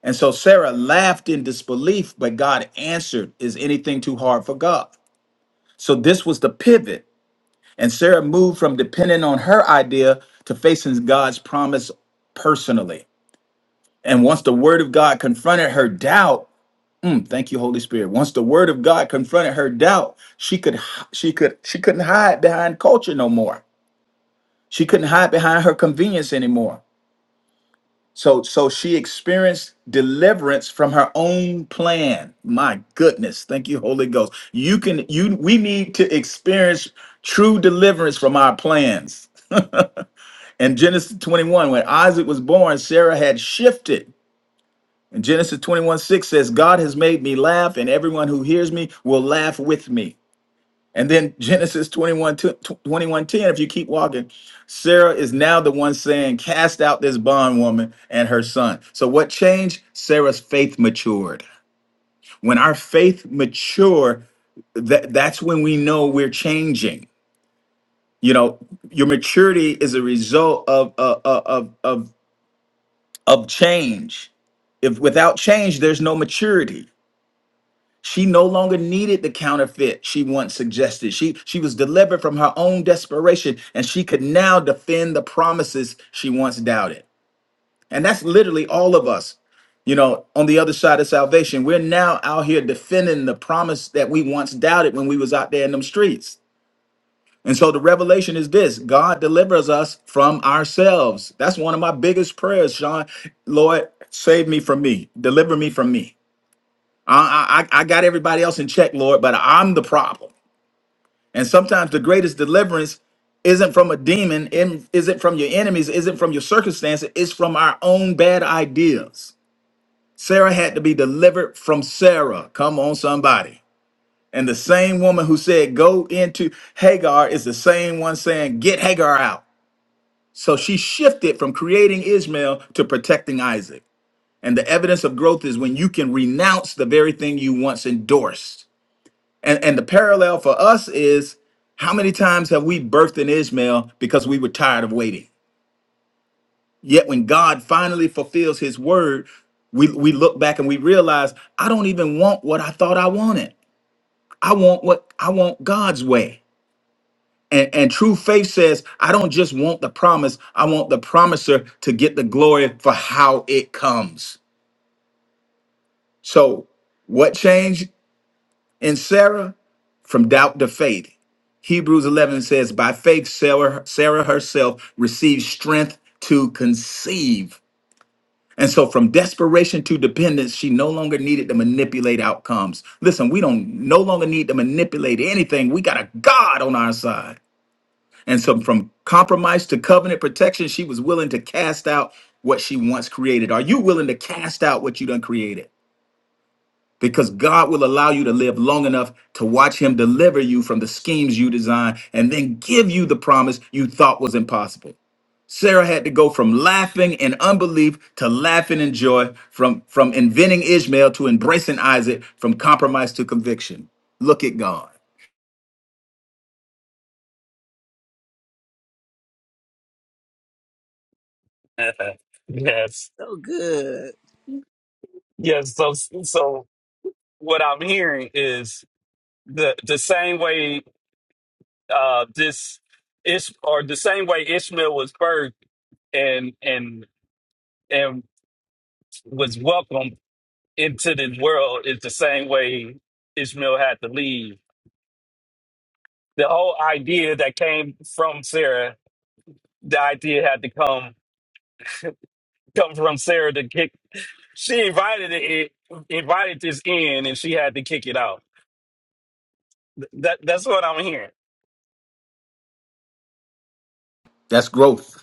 S8: And so Sarah laughed in disbelief, but God answered, Is anything too hard for God? So this was the pivot. And Sarah moved from depending on her idea to facing God's promise personally. And once the word of God confronted her doubt, Mm, thank you, Holy Spirit. Once the word of God confronted her doubt, she could she could she couldn't hide behind culture no more. She couldn't hide behind her convenience anymore. So so she experienced deliverance from her own plan. My goodness. Thank you, Holy Ghost. You can you we need to experience true deliverance from our plans. In Genesis 21, when Isaac was born, Sarah had shifted And Genesis 21 6 says, God has made me laugh, and everyone who hears me will laugh with me. And then Genesis 21 twenty-one ten, if you keep walking, Sarah is now the one saying, Cast out this bondwoman and her son. So what changed? Sarah's faith matured. When our faith mature, that that's when we know we're changing. You know, your maturity is a result of of of of, of change. If without change, there's no maturity She no longer needed the counterfeit she once suggested. She she was delivered from her own desperation and she could now defend the promises she once doubted. And that's literally all of us. You know, on the other side of salvation, we're now out here defending the promise that we once doubted when we was out there in them streets. And so the revelation is this God delivers us from ourselves. That's one of my biggest prayers, Sean. Lord, save me from me. Deliver me from me. I, I I got everybody else in check, Lord, but I'm the problem. And sometimes the greatest deliverance isn't from a demon, in- isn't from your enemies, isn't from your circumstances, it's from our own bad ideas. Sarah had to be delivered from Sarah. Come on, somebody. And the same woman who said, Go into Hagar is the same one saying, Get Hagar out. So she shifted from creating Ishmael to protecting Isaac. And the evidence of growth is when you can renounce the very thing you once endorsed. And and the parallel for us is how many times have we birthed an Ishmael because we were tired of waiting? Yet when God finally fulfills his word, we, we look back and we realize I don't even want what I thought I wanted. I want what I want God's way. And, and true faith says, I don't just want the promise, I want the promiser to get the glory for how it comes. So, what changed? And Sarah, from doubt to faith. Hebrews 11 says, By faith, Sarah, Sarah herself received strength to conceive. And so, from desperation to dependence, she no longer needed to manipulate outcomes. Listen, we don't no longer need to manipulate anything. We got a God on our side. And so, from compromise to covenant protection, she was willing to cast out what she once created. Are you willing to cast out what you done created? because God will allow you to live long enough to watch Him deliver you from the schemes you design and then give you the promise you thought was impossible. Sarah had to go from laughing in unbelief to laughing in joy, from, from inventing Ishmael to embracing Isaac, from compromise to conviction. Look at God.
S6: yes.
S5: so good
S6: Yes. So, so what I'm hearing is the, the same way, uh, this is, or the same way Ishmael was birthed and, and, and was welcomed into this world is the same way Ishmael had to leave the whole idea that came from Sarah, the idea had to come come from Sarah to kick. She invited it, invited this in, and she had to kick it out. Th- That that's what I'm hearing.
S8: That's growth.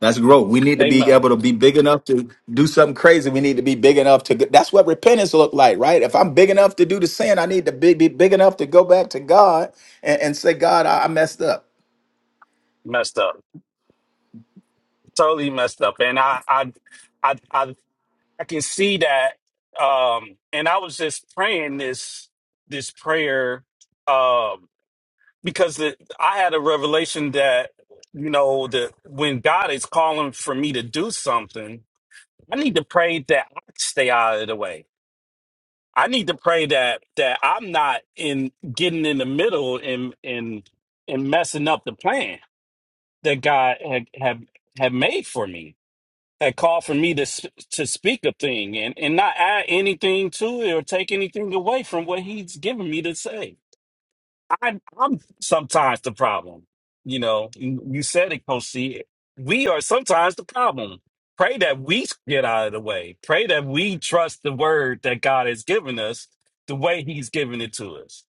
S8: That's growth. We need to be
S6: Amen.
S8: able to be big enough to do something crazy. We need to be big enough to. That's what repentance look like, right? If I'm big enough to do the sin, I need to be, be big enough to go back to God and, and say, God, I, I messed up.
S6: Messed up, totally messed up, and I I I I, I can see that. Um, and I was just praying this this prayer, um, because the, I had a revelation that you know that when God is calling for me to do something I need to pray that I stay out of the way. I need to pray that that I'm not in getting in the middle and and and messing up the plan that God had had, had made for me. Had called for me to s- to speak a thing and and not add anything to it or take anything away from what He's given me to say. I, I'm sometimes the problem. You know, you you said it, Coach C. We are sometimes the problem. Pray that we get out of the way. Pray that we trust the word that God has given us the way He's given it to us.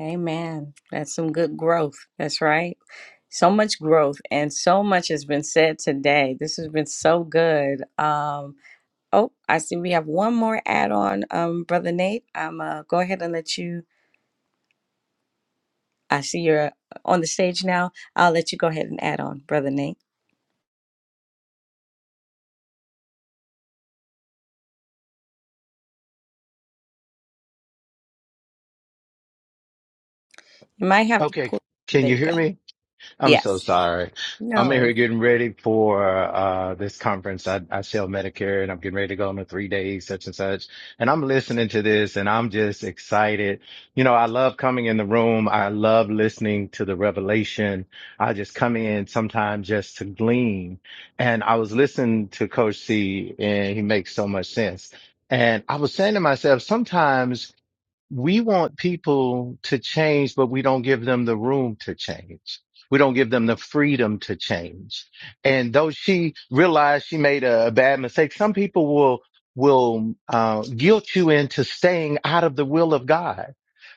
S2: Amen. That's some good growth. That's right. So much growth and so much has been said today. This has been so good. Um, oh, I see we have one more add on, um, Brother Nate. I'm uh, go ahead and let you I see you're uh, on the stage now. I'll let you go ahead and add on, Brother Nate. You might have to
S10: Okay,
S2: pull.
S10: can
S2: There
S10: you
S2: you
S10: hear
S2: go.
S10: me? I'm so
S2: Yes.
S10: sorry. I'm
S2: No.
S10: here getting ready for uh this conference. I, I sell Medicare and I'm getting ready to go on a three days, such and such. And I'm listening to this and I'm just excited. You know, I love coming in the room. I love listening to the revelation. I just come in sometimes just to glean. And I was listening to Coach C and he makes so much sense. And I was saying to myself, sometimes we want people to change, but we don't give them the room to change. We don't give them the freedom to change. And though she realized she made a, a bad mistake, some people will, will, uh, guilt you into staying out of the will of God.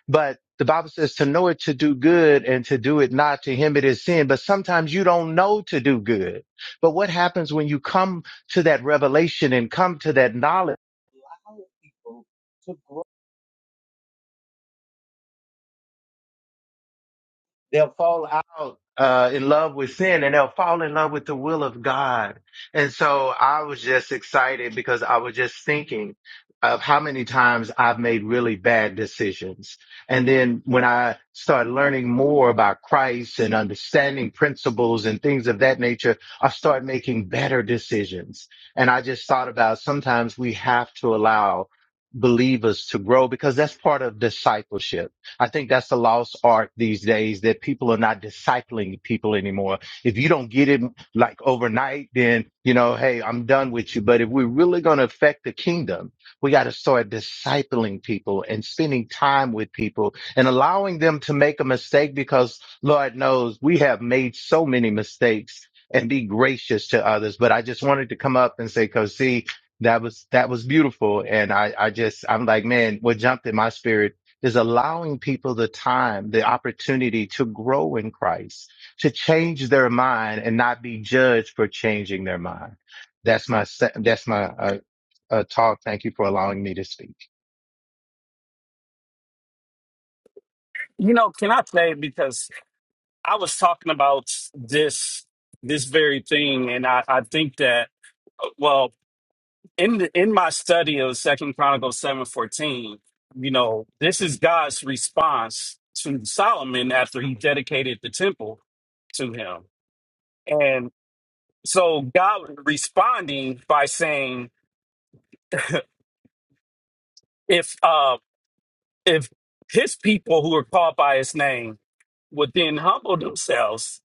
S10: But the Bible says to know it to do good and to do it not to him it is sin. But sometimes you don't know to do good. But what happens when you come to that revelation and come to that knowledge? they'll fall out uh, in love with sin and they'll fall in love with the will of God. And so I was just excited because I was just thinking of how many times I've made really bad decisions. And then when I started learning more about Christ and understanding principles and things of that nature, I started making better decisions. And I just thought about sometimes we have to allow believers to grow because that's part of discipleship I think that's the lost art these days that people are not discipling people anymore. If you don't get it like overnight, then, you know, hey, I'm done with you. But if we're really going to affect the kingdom, we got to start discipling people and spending time with people and allowing them to make a mistake because Lord knows we have made so many mistakes and be gracious to others. But I just wanted to come up and say, cause see, that was, that was beautiful. And I, I just, I'm like, man, what jumped in my spirit is allowing people the time, the opportunity to grow in Christ, to change their mind and not be judged for changing their mind. That's my, that's my uh, uh, talk. Thank you for allowing me to speak.
S6: You know, can I say because I was talking about this this very thing, and I, I think that well, in the, in my study of Second Chronicles seven fourteen, you know, this is God's response to Solomon after he dedicated the temple to him, and so God was responding by saying, if uh, if His people who are called by His name would then humble themselves,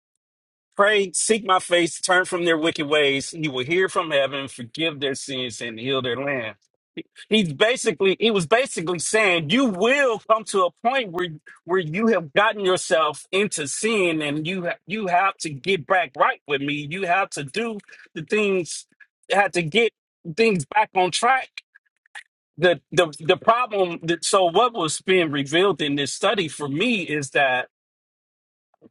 S6: pray, seek my face, turn from their wicked ways, He will hear from heaven, forgive their sins, and heal their land He's basically he was basically saying you will come to a point where where you have gotten yourself into sin and you ha- you have to get back right with me. You have to do the things have to get things back on track. The the the problem that so what was being revealed in this study for me is that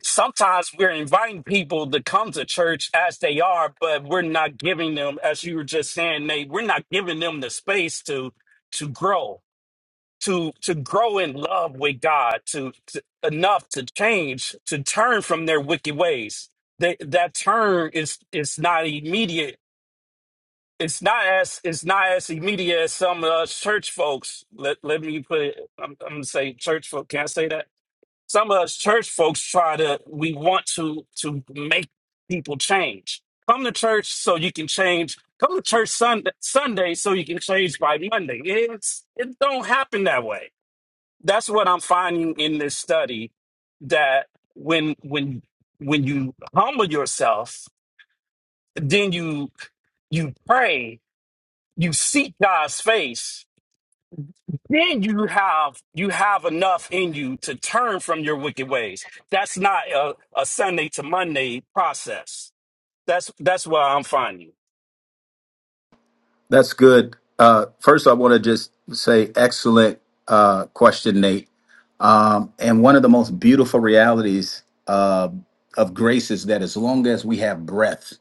S6: sometimes we're inviting people to come to church as they are, but we're not giving them, as you were just saying, Nate, we're not giving them the space to to grow to to grow in love with God, to, to enough to change, to turn from their wicked ways. They, that turn is is not immediate. It's not as it's not as immediate as some of us church folks. Let let me put it. I'm, I'm gonna say church folk. Can I say that? Some of us church folks try to. We want to to make people change. Come to church so you can change. Come to church Sunday, Sunday so you can change by Monday. It's it don't happen that way that's what I'm finding in this study that when when when you humble yourself, then you you pray, you seek God's face, then you have you have enough in you to turn from your wicked ways. That's not a, a Sunday to Monday process. That's that's what I'm finding.
S8: That's good. Uh, first, I want to just say, excellent uh, question, Nate. Um, and one of the most beautiful realities uh, of grace is that as long as we have breath,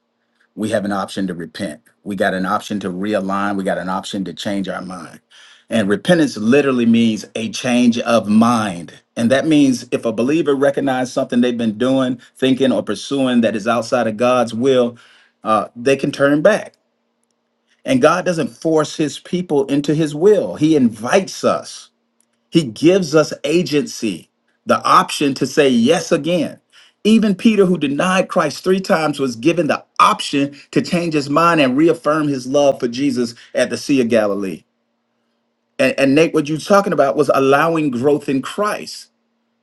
S8: we have an option to repent. We got an option to realign. We got an option to change our mind. And repentance literally means a change of mind. And that means if a believer recognizes something they've been doing, thinking, or pursuing that is outside of God's will, uh, they can turn back. And God doesn't force his people into his will, he invites us. He gives us agency, the option to say yes again. Even Peter, who denied Christ three times, was given the option to change his mind and reaffirm his love for Jesus at the Sea of Galilee. And, and Nate, what you're talking about was allowing growth in Christ.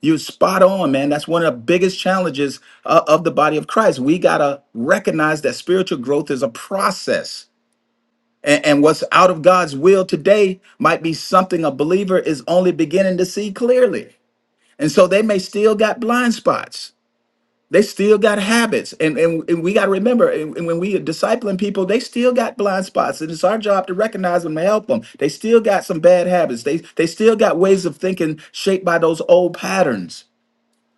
S8: You're spot on, man. That's one of the biggest challenges uh, of the body of Christ. We got to recognize that spiritual growth is a process. And, and what's out of God's will today might be something a believer is only beginning to see clearly. And so they may still got blind spots. They still got habits. And and, and we got to remember, and, and when we are discipling people, they still got blind spots. And it's our job to recognize them and help them. They still got some bad habits. They they still got ways of thinking shaped by those old patterns.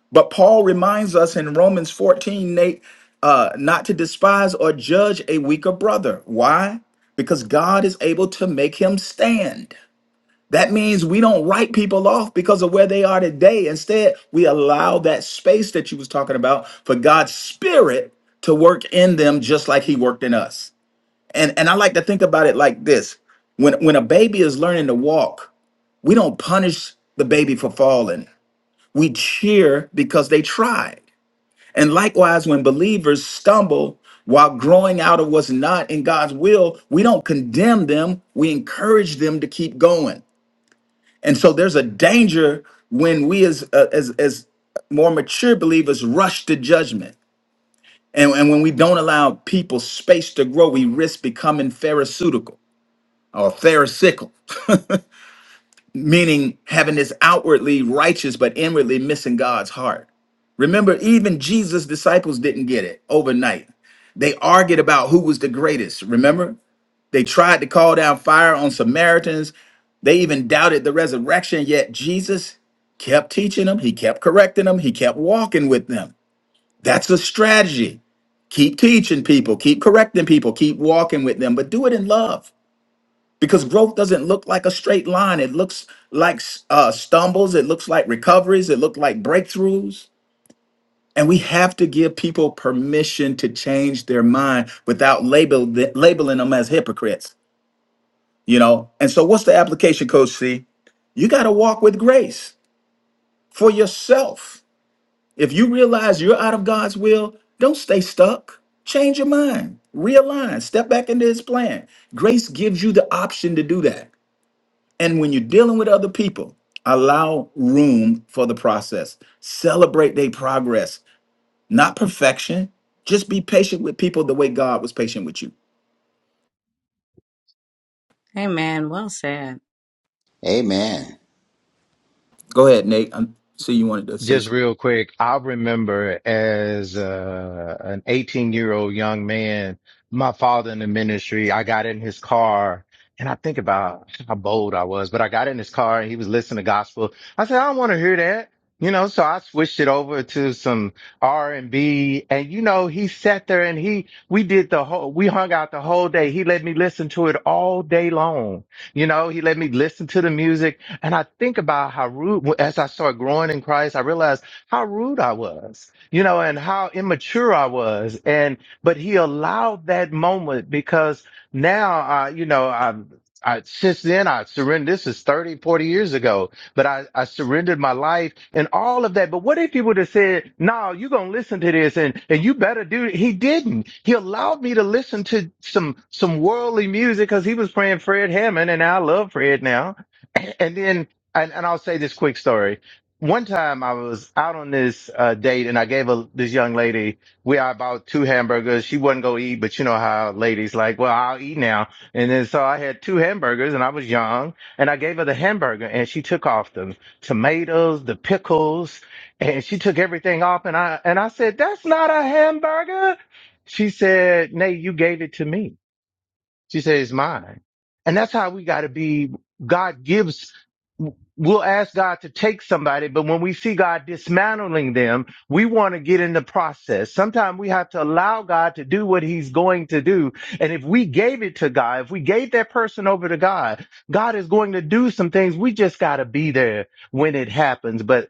S8: But Paul reminds us in Romans 14, Nate, uh, not to despise or judge a weaker brother. Why? Because God is able to make him stand. That means we don't write people off because of where they are today. Instead, we allow that space that you was talking about for God's spirit to work in them just like he worked in us. And and I like to think about it like this. When when a baby is learning to walk, we don't punish the baby for falling. We cheer because they tried. And likewise, when believers stumble while growing out of what's not in God's will, we don't condemn them. We encourage them to keep going. And so there's a danger when we as uh, as as more mature believers rush to judgment. And, and when we don't allow people space to grow, we risk becoming pharisaical or pharisaical, meaning having this outwardly righteous but inwardly missing God's heart. Remember, even Jesus' disciples didn't get it overnight. They argued about who was the greatest, remember? They tried to call down fire on Samaritans. They even doubted the resurrection, yet Jesus kept teaching them. He kept correcting them. He kept walking with them. That's a strategy. Keep teaching people, keep correcting people, keep walking with them, but do it in love because growth doesn't look like a straight line. It looks like uh, stumbles, it looks like recoveries, it looks like breakthroughs. And we have to give people permission to change their mind without label, labeling them as hypocrites. you know and so what's the application coach c you got to walk with grace for yourself if you realize you're out of god's will don't stay stuck change your mind realign step back into his plan grace gives you the option to do that and when you're dealing with other people allow room for the process celebrate their progress not perfection just be patient with people the way god was patient with you
S2: Amen. Well said.
S3: Amen.
S8: go ahead nate i see you wanted to say
S10: Just real quick, I remember as uh, an 18 year old young man, my father in the ministry, I got in his car and I think about how bold I was, but I got in his car and he was listening to gospel. I said, I don't want to hear that. You know, so I switched it over to some R and B and you know, he sat there and he, we did the whole, we hung out the whole day. He let me listen to it all day long. You know, he let me listen to the music and I think about how rude, as I started growing in Christ, I realized how rude I was, you know, and how immature I was. And, but he allowed that moment because now, I, you know, I'm, I, since then I surrendered. This is 30, 40 years ago, but I, I surrendered my life and all of that. But what if he would have said, no, you're going to listen to this and, and you better do it. He didn't. He allowed me to listen to some, some worldly music because he was praying Fred Hammond and I love Fred now and then and, and I'll say this quick story. One time I was out on this uh, date and I gave a, this young lady, we I bought two hamburgers. She wasn't going to eat, but you know how ladies like, well, I'll eat now. And then so I had two hamburgers and I was young and I gave her the hamburger and she took off the tomatoes, the pickles, and she took everything off. And I, and I said, that's not a hamburger. She said, Nay, you gave it to me. She said, it's mine. And that's how we got to be. God gives, we'll ask God to take somebody, but when we see God dismantling them, we want to get in the process. Sometimes we have to allow God to do what he's going to do. And if we gave it to God, if we gave that person over to God, God is going to do some things. We just got to be there when it happens. But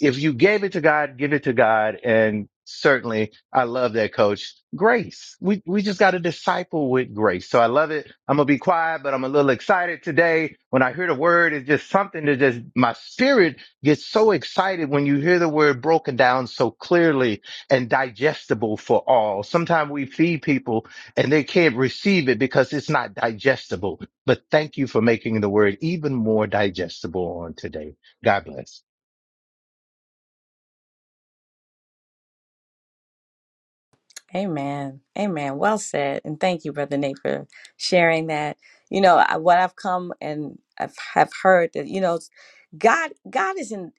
S10: if you gave it to God, give it to God. And certainly I love that coach. Grace. We we just got to disciple with grace. So I love it. I'm gonna be quiet, but I'm a little excited today. When I hear the word, it's just something that just my spirit gets so excited when you hear the word broken down so clearly and digestible for all. Sometimes we feed people and they can't receive it because it's not digestible. But thank you for making the word even more digestible on today. God bless.
S2: Amen. Amen. Well said. And thank you, Brother Nate, for sharing that. You know, I, what I've come and I've, have heard that, you know, God, God is in.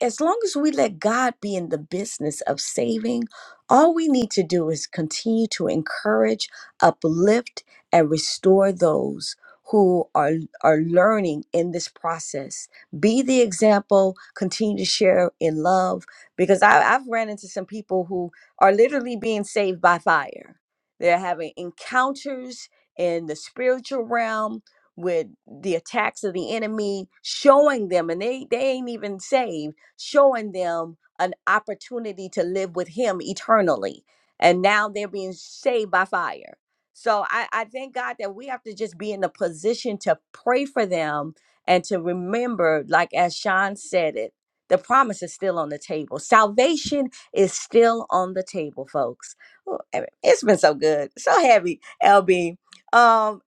S2: as long as we let God be in the business of saving, all we need to do is continue to encourage, uplift, and restore those who are are learning in this process. Be the example, continue to share in love. Because I, I've ran into some people who are literally being saved by fire. They're having encounters in the spiritual realm with the attacks of the enemy showing them and they they ain't even saved showing them an opportunity to live with him eternally. And now they're being saved by fire. So I, I thank God that we have to just be in a position to pray for them and to remember, like as Sean said it, the promise is still on the table. Salvation is still on the table, folks. Ooh, I mean, It's been so good, so heavy, LB. Um,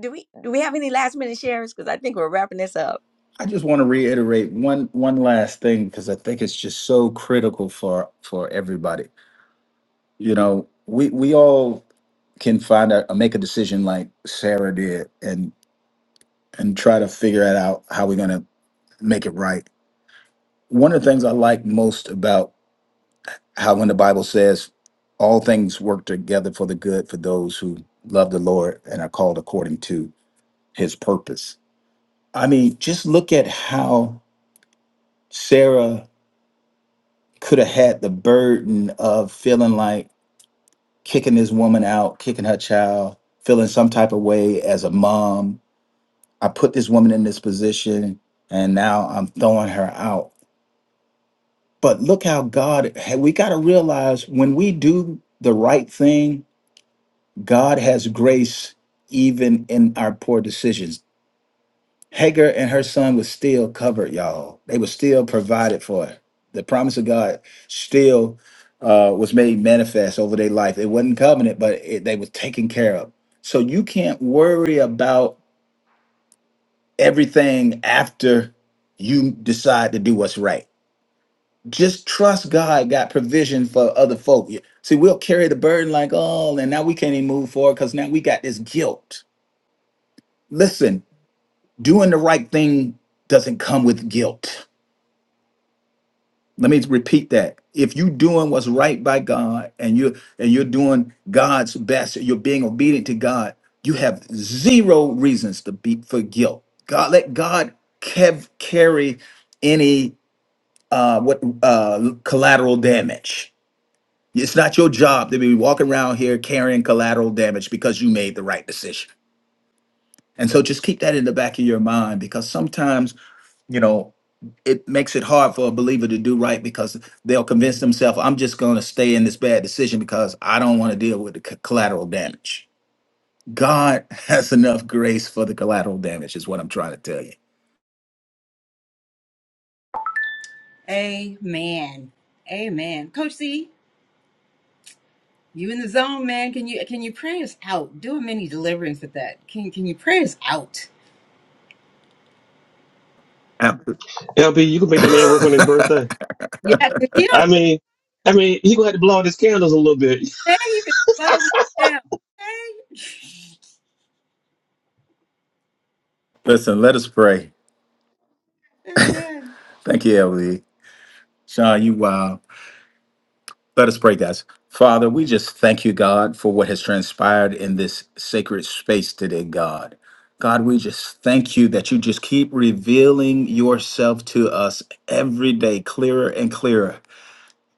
S2: do we do we have any last minute shares? Because I think we're wrapping this up.
S8: I just want to reiterate one one last thing because I think it's just so critical for for everybody. You know, we we all can find out make a decision like Sarah did and and try to figure it out how we're gonna make it right. One of the things I like most about how when the Bible says all things work together for the good for those who love the Lord and are called according to his purpose. I mean, just look at how Sarah could have had the burden of feeling like kicking this woman out, kicking her child, feeling some type of way as a mom. I put this woman in this position and now I'm throwing her out. But look how God, hey, we got to realize when we do the right thing, God has grace even in our poor decisions. Hagar and her son was still covered, y'all. They were still provided for. The promise of God still uh, was made manifest over their life. It wasn't covenant, but it, they was taken care of. So you can't worry about everything after you decide to do what's right. Just trust God got provision for other folk. See, we'll carry the burden like, oh, and now we can't even move forward because now we got this guilt. Listen, doing the right thing doesn't come with guilt Let me repeat that. If you're doing what's right by God and you and you're doing God's best, you're being obedient to God, you have zero reasons to be for guilt. God let God kev carry any uh what uh collateral damage. It's not your job to be walking around here carrying collateral damage because you made the right decision. And so just keep that in the back of your mind because sometimes you know it makes it hard for a believer to do right because they'll convince themselves i'm just going to stay in this bad decision because i don't want to deal with the c- collateral damage god has enough grace for the collateral damage is what i'm trying to tell you
S1: Amen. Amen. Coach C, you in the zone, man. Can you can you pray us out? Do a mini deliverance with that. Can can you pray us out?
S8: Ab-
S4: LB, you can make that man work on his birthday.
S1: Yeah. yeah.
S4: I mean, I mean, he gonna have to blow out his candles a little bit.
S8: listen let us pray thank you lv sean you wow Let us pray, guys. Father, we just thank you, God, for what has transpired in this sacred space today, God. God, we just thank you that you just keep revealing yourself to us every day, clearer and clearer.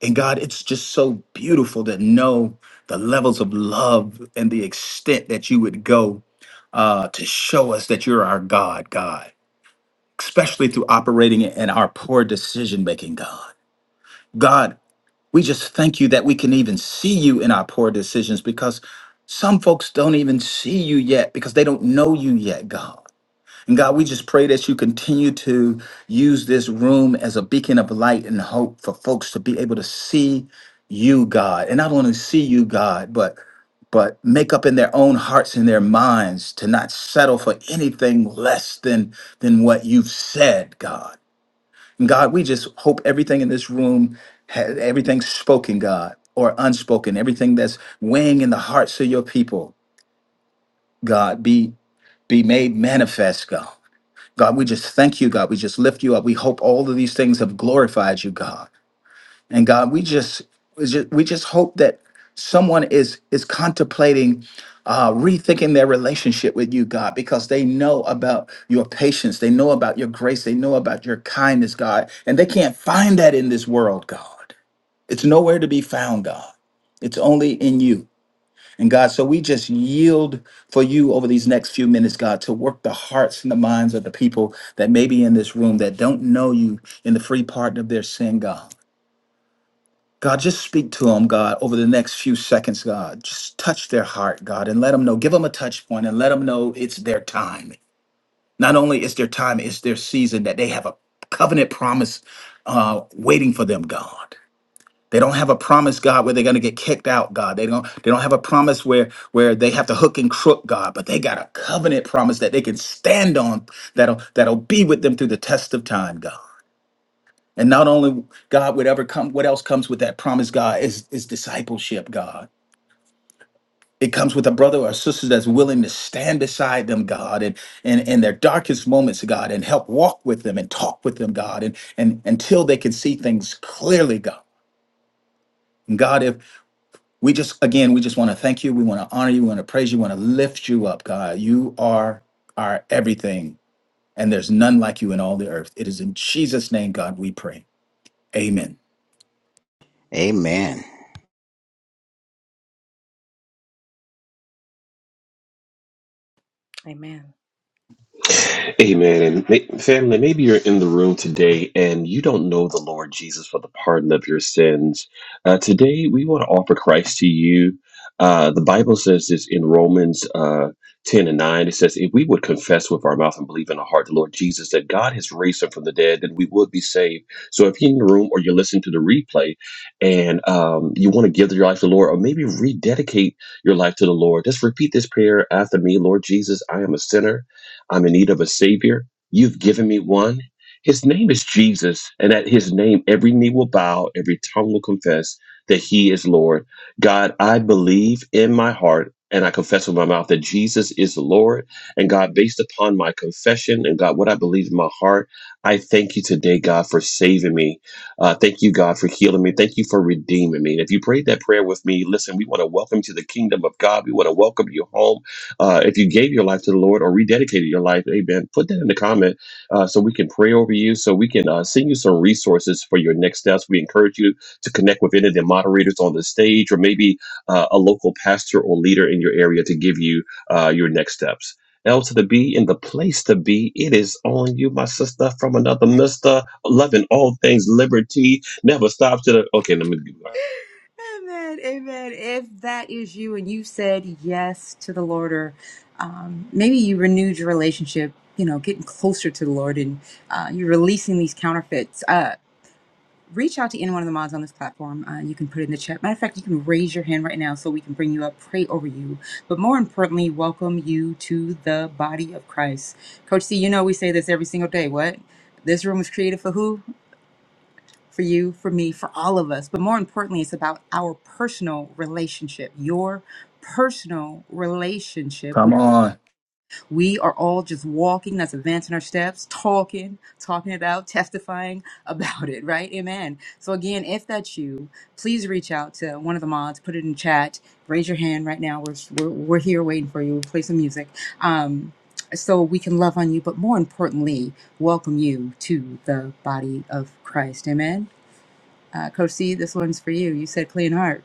S8: And God, it's just so beautiful to know the levels of love and the extent that you would go uh, to show us that you're our God, God, especially through operating in our poor decision making, God. God, we just thank you that we can even see you in our poor decisions because some folks don't even see you yet because they don't know you yet, God. And God, we just pray that you continue to use this room as a beacon of light and hope for folks to be able to see you, God. And not only see you, God, but but make up in their own hearts and their minds to not settle for anything less than than what you've said, God. God, we just hope everything in this room, ha- everything spoken, God, or unspoken, everything that's weighing in the hearts of your people, God, be be made manifest, God. God, we just thank you, God. We just lift you up. We hope all of these things have glorified you, God. And God, we just, we just we just hope that someone is is contemplating uh, rethinking their relationship with you, God, because they know about your patience, they know about your grace, they know about your kindness, God, and they can't find that in this world, God. It's nowhere to be found, God. It's only in you. And God, so we just yield for you over these next few minutes, God, to work the hearts and the minds of the people that may be in this room that don't know you in the free pardon of their sin, God. God, just speak to them, God, over the next few seconds, God. Just touch their heart, God, and let them know. Give them a touch point and let them know it's their time. Not only is their time, it's their season that they have a covenant promise uh, waiting for them, God. They don't have a promise, God, where they're gonna get kicked out, God. They don't they don't have a promise where where they have to hook and crook, God, but they got a covenant promise that they can stand on that'll that'll be with them through the test of time, God. And not only God, whatever come, what else comes with that promise, God, is, is discipleship, God. It comes with a brother or a sister that's willing to stand beside them, God, and in, in their darkest moments, God, and help walk with them and talk with them, God, and, and until they can see things clearly, God. And God, if we just again, we just want to thank you, we want to honor you, we want to praise you, we want to lift you up, God. You are our everything, and there's none like you in all the earth. It is in Jesus' name, God, we pray. Amen.
S3: Amen.
S2: Amen.
S4: Amen. And ma- family, maybe you're in the room today and you don't know the Lord Jesus for the pardon of your sins. Uh, today, we want to offer Christ to you. Uh, the Bible says this in Romans uh, 10 and 9. It says, If we would confess with our mouth and believe in our heart the Lord Jesus, that God has raised him from the dead, then we would be saved. So if you're in the room or you're listening to the replay and um, you want to give your life to the Lord or maybe rededicate your life to the Lord, just repeat this prayer after me Lord Jesus, I am a sinner. I'm in need of a Savior. You've given me one. His name is Jesus, and at his name, every knee will bow, every tongue will confess that he is Lord. God, I believe in my heart and I confess with my mouth that Jesus is the Lord. And God, based upon my confession and God, what I believe in my heart, I thank you today, God, for saving me. Uh, thank you, God, for healing me. Thank you for redeeming me. And if you prayed that prayer with me, listen, we want to welcome you to the kingdom of God. We want to welcome you home. Uh, if you gave your life to the Lord or rededicated your life, amen, put that in the comment uh, so we can pray over you, so we can uh, send you some resources for your next steps. We encourage you to connect with any of the moderators on the stage or maybe uh, a local pastor or leader in your area to give you uh, your next steps. L to the B in the place to be. It is on you, my sister, from another mister. Loving all things liberty. Never stops to the. Okay, let me.
S1: Amen. Amen. If that is you and you said yes to the Lord or um, maybe you renewed your relationship, you know, getting closer to the Lord and uh, you're releasing these counterfeits. Uh, reach out to any one of the mods on this platform. Uh, you can put it in the chat. Matter of fact, you can raise your hand right now so we can bring you up, pray over you, but more importantly, welcome you to the body of Christ. Coach C, you know we say this every single day. What? This room was created for who? For you, for me, for all of us. But more importantly, it's about our personal relationship, your personal relationship. with.
S8: Come on.
S1: We are all just walking, that's advancing our steps, talking, talking about, testifying about it, right? Amen. So, again, if that's you, please reach out to one of the mods, put it in chat, raise your hand right now. We're, we're, we're here waiting for you. We'll play some music. Um, so we can love on you, but more importantly, welcome you to the body of Christ. Amen. Uh, Coach C, this one's for you. You said clean heart.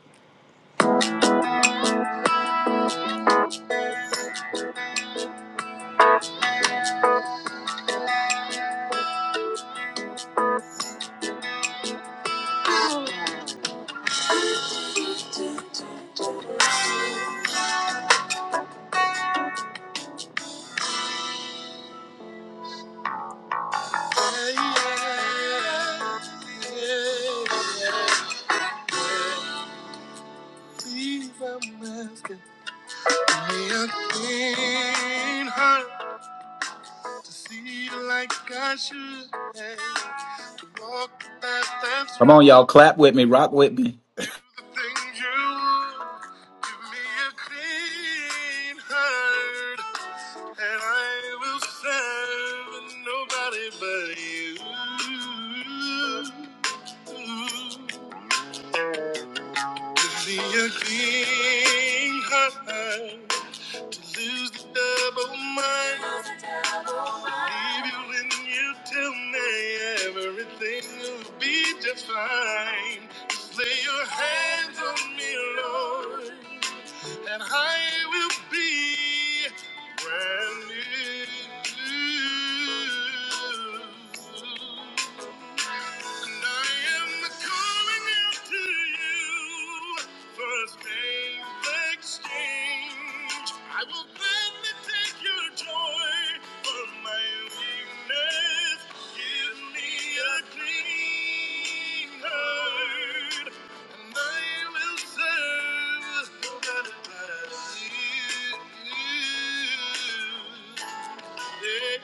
S1: Please, I'm asking. May I gain her to see you like I should. To walk the path that's
S8: Come
S1: right.
S8: on, y'all. Clap with me. Rock with me.
S1: Things you would. Give me a clean heart. And I will serve nobody but you. Give me a clean heart to lose the double mind. Leave you when you tell me everything will be just fine. Just lay your hands on me, Lord and I will be brand new. And I am calling out to you, first name exchange. I will gladly take your joy for my weakness. Give me a clean heart. And I will serve God above you. Yeah.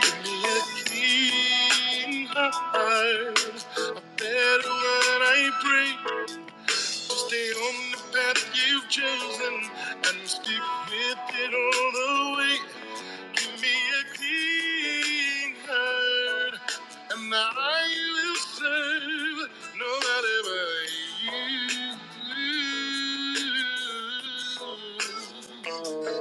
S1: Give me a clean heart. A better one, I pray. To stay on the path you've chosen and stick with it all the way. Give me a clean heart, and I will serve nobody but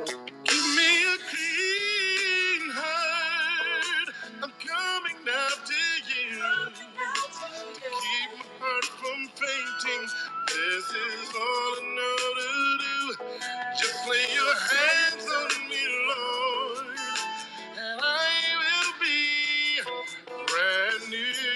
S1: you. Give me a clean heart, I'm coming after you. Keep my heart from fainting. This is all I know to do. Just lay your hands on me, Lord, and I will be brand new.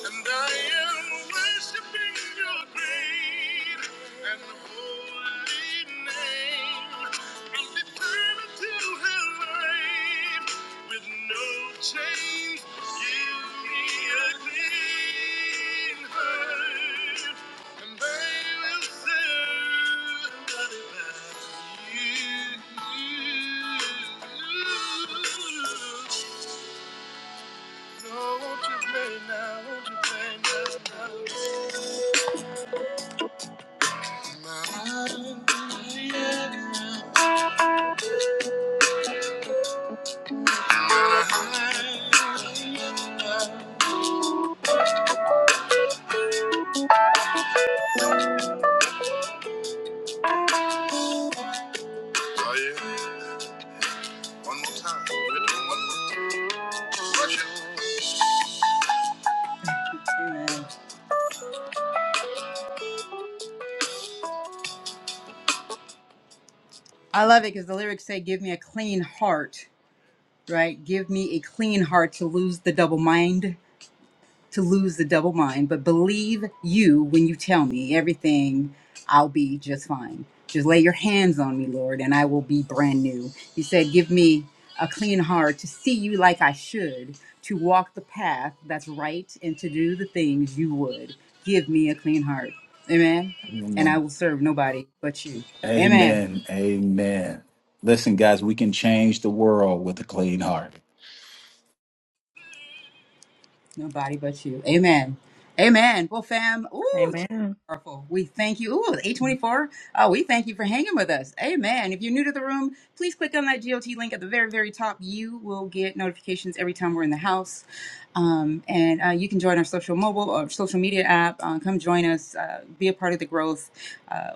S1: And I am worshiping your great and holy name. I'm determined to have life with no chains. Give me a clean heart, and I will serve you. Oh yeah, I love it because the lyrics say, "Give me a clean heart." Right, give me a clean heart to lose the double mind. to lose the double mind, but believe you when you tell me everything, I'll be just fine. Just lay your hands on me, Lord, and I will be brand new. You said, Give me a clean heart to see you like I should, to walk the path that's right, and to do the things you would. Give me a clean heart. Amen. And I
S8: Amen.
S1: will serve nobody but you. Amen.
S8: Amen. Amen. Listen, guys, we can change the world with a clean heart.
S1: Nobody but you. Amen. Amen. Well, fam, ooh,
S2: Amen.
S1: powerful. We thank you. Ooh, 824. Oh, we thank you for hanging with us. Amen. If you're new to the room, please click on that GOT link at the very, very top. You will get notifications every time we're in the house. Um, and uh, you can join our social mobile or social media app. Uh, come join us. Uh, be a part of the growth. uh,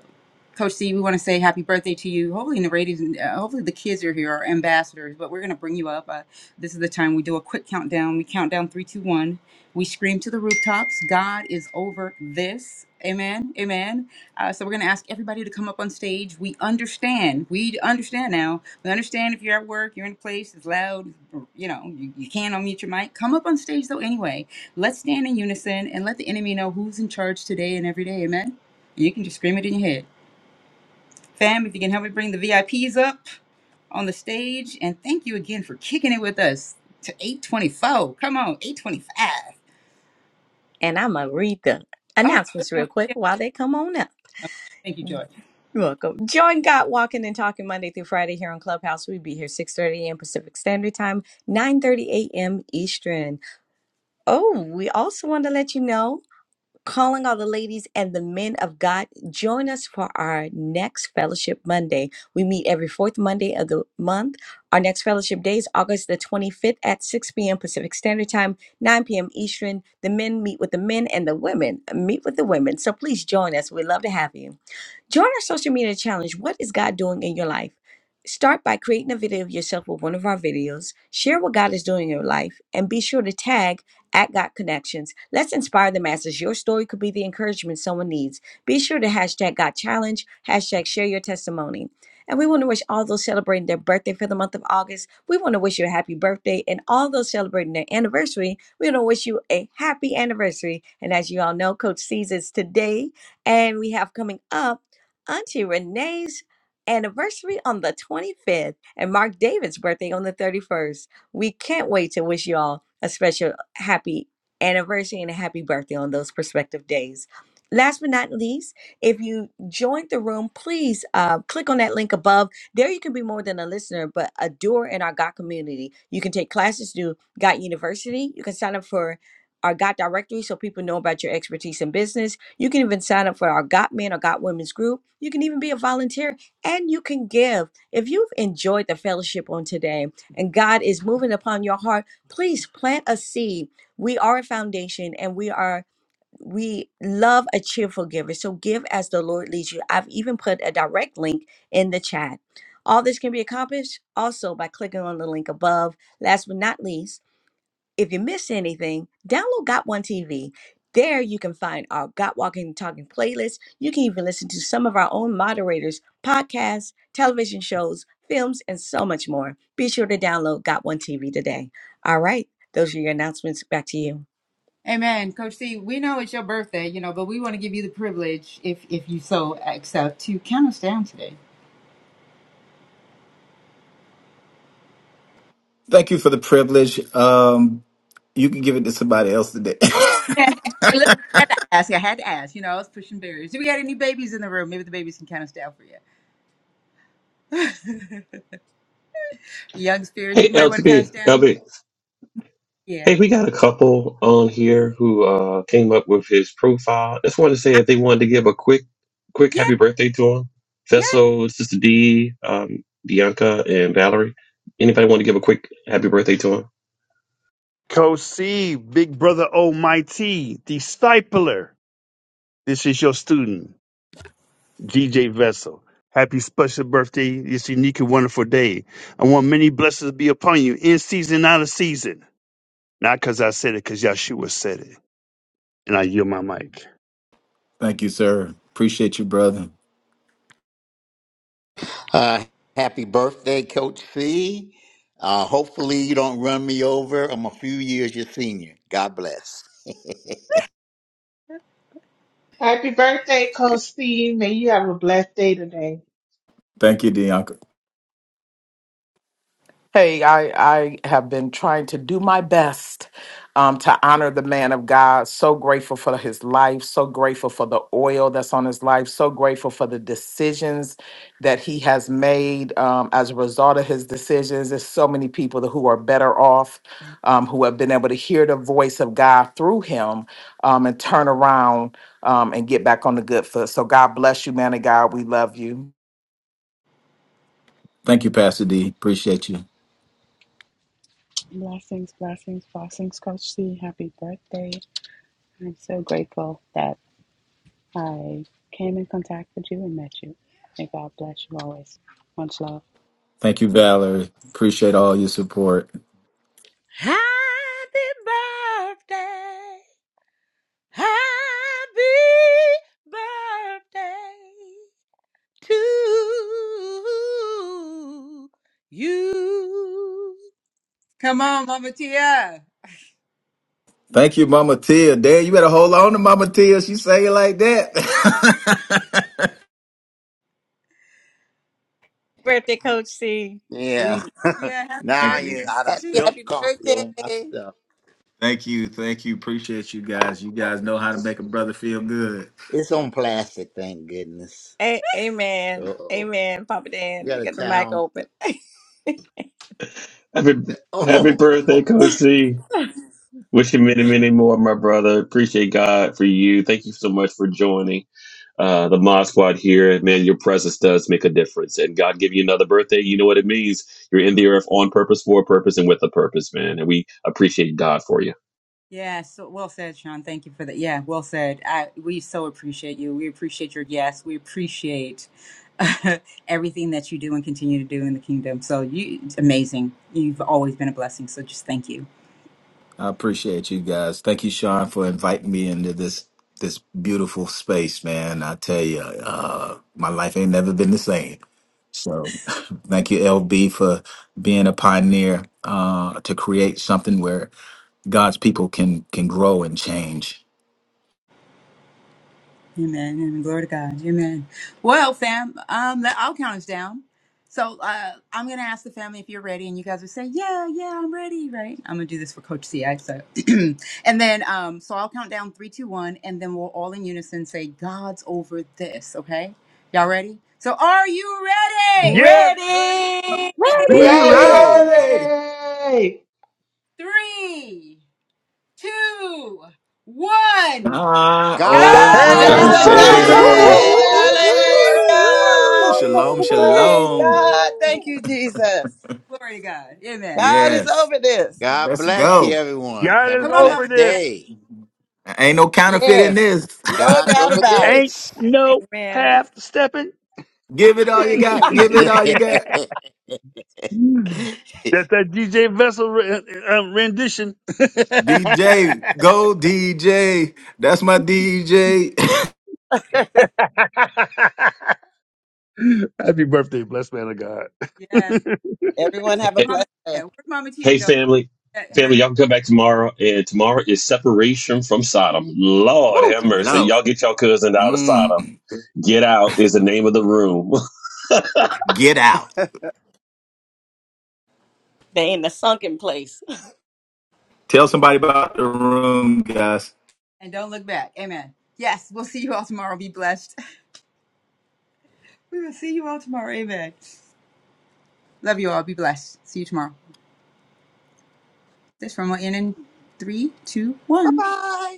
S1: Coach C, we want to say happy birthday to you. Hopefully, in the ratings. and uh, hopefully the kids are here, are ambassadors. But we're gonna bring you up. Uh, this is the time we do a quick countdown. We count down three, two, one. We scream to the rooftops. God is over this. Amen. Amen. Uh, so we're gonna ask everybody to come up on stage. We understand. We understand now. We understand if you're at work, you're in a place it's loud. or, You know, you, you can't unmute your mic. Come up on stage though. Anyway, let's stand in unison and let the enemy know who's in charge today and every day. Amen. You can just scream it in your head. Fam, if you can help me bring the VIPs up on the stage, and thank you again for kicking it with us to 824. Come on, 825.
S2: And I'm gonna read the
S1: Oh,
S2: announcements real quick while they come on up.
S1: thank you,
S2: You're
S1: George.
S2: welcome. Join God Walking and Talking Monday through Friday here on Clubhouse. we be here 6.30 a.m. Pacific Standard Time, 9.30 a.m. Eastern. Oh, we also want to let you know, calling all the ladies and the men of God, join us for our next Fellowship Monday. We meet every fourth Monday of the month. Our next Fellowship Day is August the 25th at 6 p.m. Pacific Standard Time, 9 p.m. Eastern. The men meet with the men and the women meet with the women. So please join us. We'd love to have you. Join our social media challenge. What is God doing in your life? Start by creating a video of yourself with one of our videos. Share what God is doing in your life and be sure to tag at God Connections. Let's inspire the masses. Your story could be the encouragement someone needs. Be sure to hashtag God Challenge, hashtag share your testimony. And we want to wish all those celebrating their birthday for the month of August, we want to wish you a happy birthday. And all those celebrating their anniversary, we want to wish you a happy anniversary. And as you all know, Coach C's is today. And we have coming up Auntie Renee's anniversary on the 25th and Mark David's birthday on the 31st. We can't wait to wish you all a special happy anniversary and a happy birthday on those prospective days. Last but not least, if you joined the room, please uh, click on that link above. There you can be more than a listener, but a doer in our GOT community. You can take classes through GOT University. You can sign up for our GOT directory so people know about your expertise in business you can even sign up for our Got Men or Got Women's group. You can even be a volunteer and you can give. If you've enjoyed the fellowship on today and God is moving upon your heart, please plant a seed. We are a foundation and we are we love a cheerful giver. So give as the Lord leads you. I've even put a direct link in the chat. All this can be accomplished also by clicking on the link above. Last but not least, if you miss anything, download Got One TV. There you can find our Got Walking and Talking playlist. You can even listen to some of our own moderators, podcasts, television shows, films, and so much more. Be sure to download Got One TV today. All right, those are your announcements. Back to you.
S1: Amen. Coach C, we know it's your birthday, you know, but we want to give you the privilege, if if you so accept, to count us down today.
S8: Thank you for the privilege. Um, you can give it to somebody else today.
S1: Yeah, listen, I had to ask. I had to ask. You know, I was pushing barriers. Do we got any babies in the room? Maybe the babies can count us down for you. Young spirits,
S4: Hey,
S1: anybody
S4: L to
S1: want to count
S4: B,
S1: us
S4: L
S1: down?
S4: B. Hey,
S1: Yes.
S4: we got a couple on here who uh, came up with his profile. Just wanted to say if they wanted to give a quick, quick
S1: Yeah,
S4: happy birthday to him.
S1: yeah.
S4: Vessel, Sister D, um, Bianca, and Valerie. Anybody want to give a quick happy birthday to him?
S11: Kosi, Big Brother Almighty, Discipler. This is your student, GJ Vessel. Happy special birthday, this unique and wonderful day. I want many blessings to be upon you in season, out of season. Not because I said it, because Yahshua said it. And I yield my mic.
S8: Thank you, sir. Appreciate you, brother.
S3: Uh, happy birthday, Coach C. Uh, hopefully, you don't run me over. I'm a few years your senior. God bless.
S12: Happy birthday, Coach Steve. May you have a blessed day today.
S8: Thank you, Deonka.
S13: Hey, I, I have been trying to do my best um, to honor the man of God. So grateful for his life, so grateful for the oil that's on his life, so grateful for the decisions that he has made um, as a result of his decisions. There's so many people who are better off, um, who have been able to hear the voice of God through him um, and turn around um, and get back on the good foot. So, God bless you, man of God. We love you.
S8: Thank you, Pastor D. Appreciate you.
S14: Blessings, blessings, blessings, Coach C. Happy birthday. I'm so grateful that I came in contact with you and met you. May God bless you always. Much love.
S8: Thank you, Valerie. Appreciate all your support.
S3: Happy birthday. Happy birthday to you.
S1: Come on, Mama Tia.
S8: Thank you, Mama Tia. Dad, you better hold on to Mama Tia. She say it like that.
S2: Birthday, Coach C.
S3: Yeah.
S2: We
S1: Yeah.
S3: Now
S8: Thank
S1: happy
S3: you,
S8: you.
S3: I done
S5: happy
S3: spilled
S5: happy
S3: coffee on my
S5: birthday
S3: stuff.
S8: Thank you. Thank you. Appreciate you guys. You guys know how to make a brother feel good.
S3: It's on plastic, thank goodness.
S2: a- amen,
S3: Uh oh.
S2: amen, Papa
S3: You
S2: Dan. We
S3: got a
S2: got the mic
S3: towel.
S2: open.
S4: Happy, happy
S3: Oh,
S4: birthday, Coach C. Wish you many, many more, my brother. Appreciate God for you. Thank you so much for joining. uh, the Mod Squad here. Man, your presence does make a difference. And God give you another birthday. You know what it means. You're in the earth on purpose, for a purpose, and with a purpose, man. And we appreciate God for you.
S1: Yeah, so well said, Sean. Thank you for that. Yeah, well said. I, we so appreciate you. We appreciate your yes. We appreciate uh, everything that you do and continue to do in the kingdom. So you, it's amazing. You've always been a blessing. So just thank you.
S8: I appreciate you guys. Thank you, Sean, for inviting me into this this beautiful space, man. I tell you, uh, my life ain't never been the same. So thank you, LB, for being a pioneer uh, to create something where God's people can can grow and change.
S1: Amen. And glory to God. Amen. Well, fam, um, that- I'll count us down. So uh, I'm going to ask the family if you're ready, and you guys will say, "Yeah, yeah, I'm ready." Right? I'm going to do this for Coach Ci. So, and then, um, so I'll count down three, two, one, and then we'll all in unison say, "God's over this." Okay? Y'all ready? So, are you ready?
S11: Yes,
S2: Ready?
S8: Be
S12: Yay,
S15: Ready?
S12: yay,
S3: ready.
S8: ready.
S12: yay!
S1: Three, two, one.
S8: Not
S1: God's
S3: God's
S2: God's
S11: hey,
S5: God is
S1: over
S8: over
S4: God's
S12: God
S3: over
S5: over
S4: over
S15: God's
S8: there.
S2: over
S8: Woo,
S12: got
S15: over
S8: woo,
S5: this.
S4: this.
S8: woo,
S2: this.
S3: this.
S8: woo,
S2: Woo, woo,
S12: this!
S2: woo,
S15: this.
S8: woo,
S2: woo,
S8: woo.
S5: Hallelujah.
S15: God's
S2: woo,
S8: Shalom,
S15: over this.
S3: Woo!
S5: Praise
S8: shalom.
S5: God. Thank you, Jesus.
S1: this. Glory to God. Amen.
S5: God is
S8: Yes.
S5: over this.
S3: God
S8: Let's
S3: bless you,
S8: go.
S3: everyone. Have
S11: God
S3: a
S11: is
S1: Come on,
S11: over
S1: Mama
S3: blessed
S1: Tia.
S11: this.
S3: day.
S8: Ain't no counterfeit in
S5: Yes.
S8: this.
S5: No
S3: God's
S5: doubt
S3: over
S5: about
S11: Ain't
S3: this.
S2: woo, woo.
S11: no
S2: Amen.
S11: half stepping.
S8: Give it all you got.
S1: Hey,
S8: Give it all you got.
S11: Mm. That's that DJ Vessel re- uh, rendition.
S8: DJ, go DJ. That's my DJ.
S5: it.
S11: Happy birthday, blessed man of God.
S1: yes.
S5: Everyone have a
S4: Hey,
S1: Mama
S5: blessed day.
S1: Tia. Where'd Mama Tia
S4: hey,
S1: go?
S4: family.
S1: At
S4: Family,
S1: her
S4: y'all can come back tomorrow. And tomorrow is separation from Sodom. Lord
S8: Woo,
S4: have mercy.
S8: Lord.
S4: Y'all get your cousin out of
S8: Mm,
S4: Sodom. Get out is the name of the room.
S8: get out.
S2: They in the sunken place.
S8: Tell somebody about the room, guys.
S1: and don't look back. Amen. Yes, we'll see you all tomorrow. Be blessed. We will see you all tomorrow. Amen. Love you all. Be blessed. See you tomorrow. This from will end in three, two,
S5: Bye
S1: one.
S5: bye.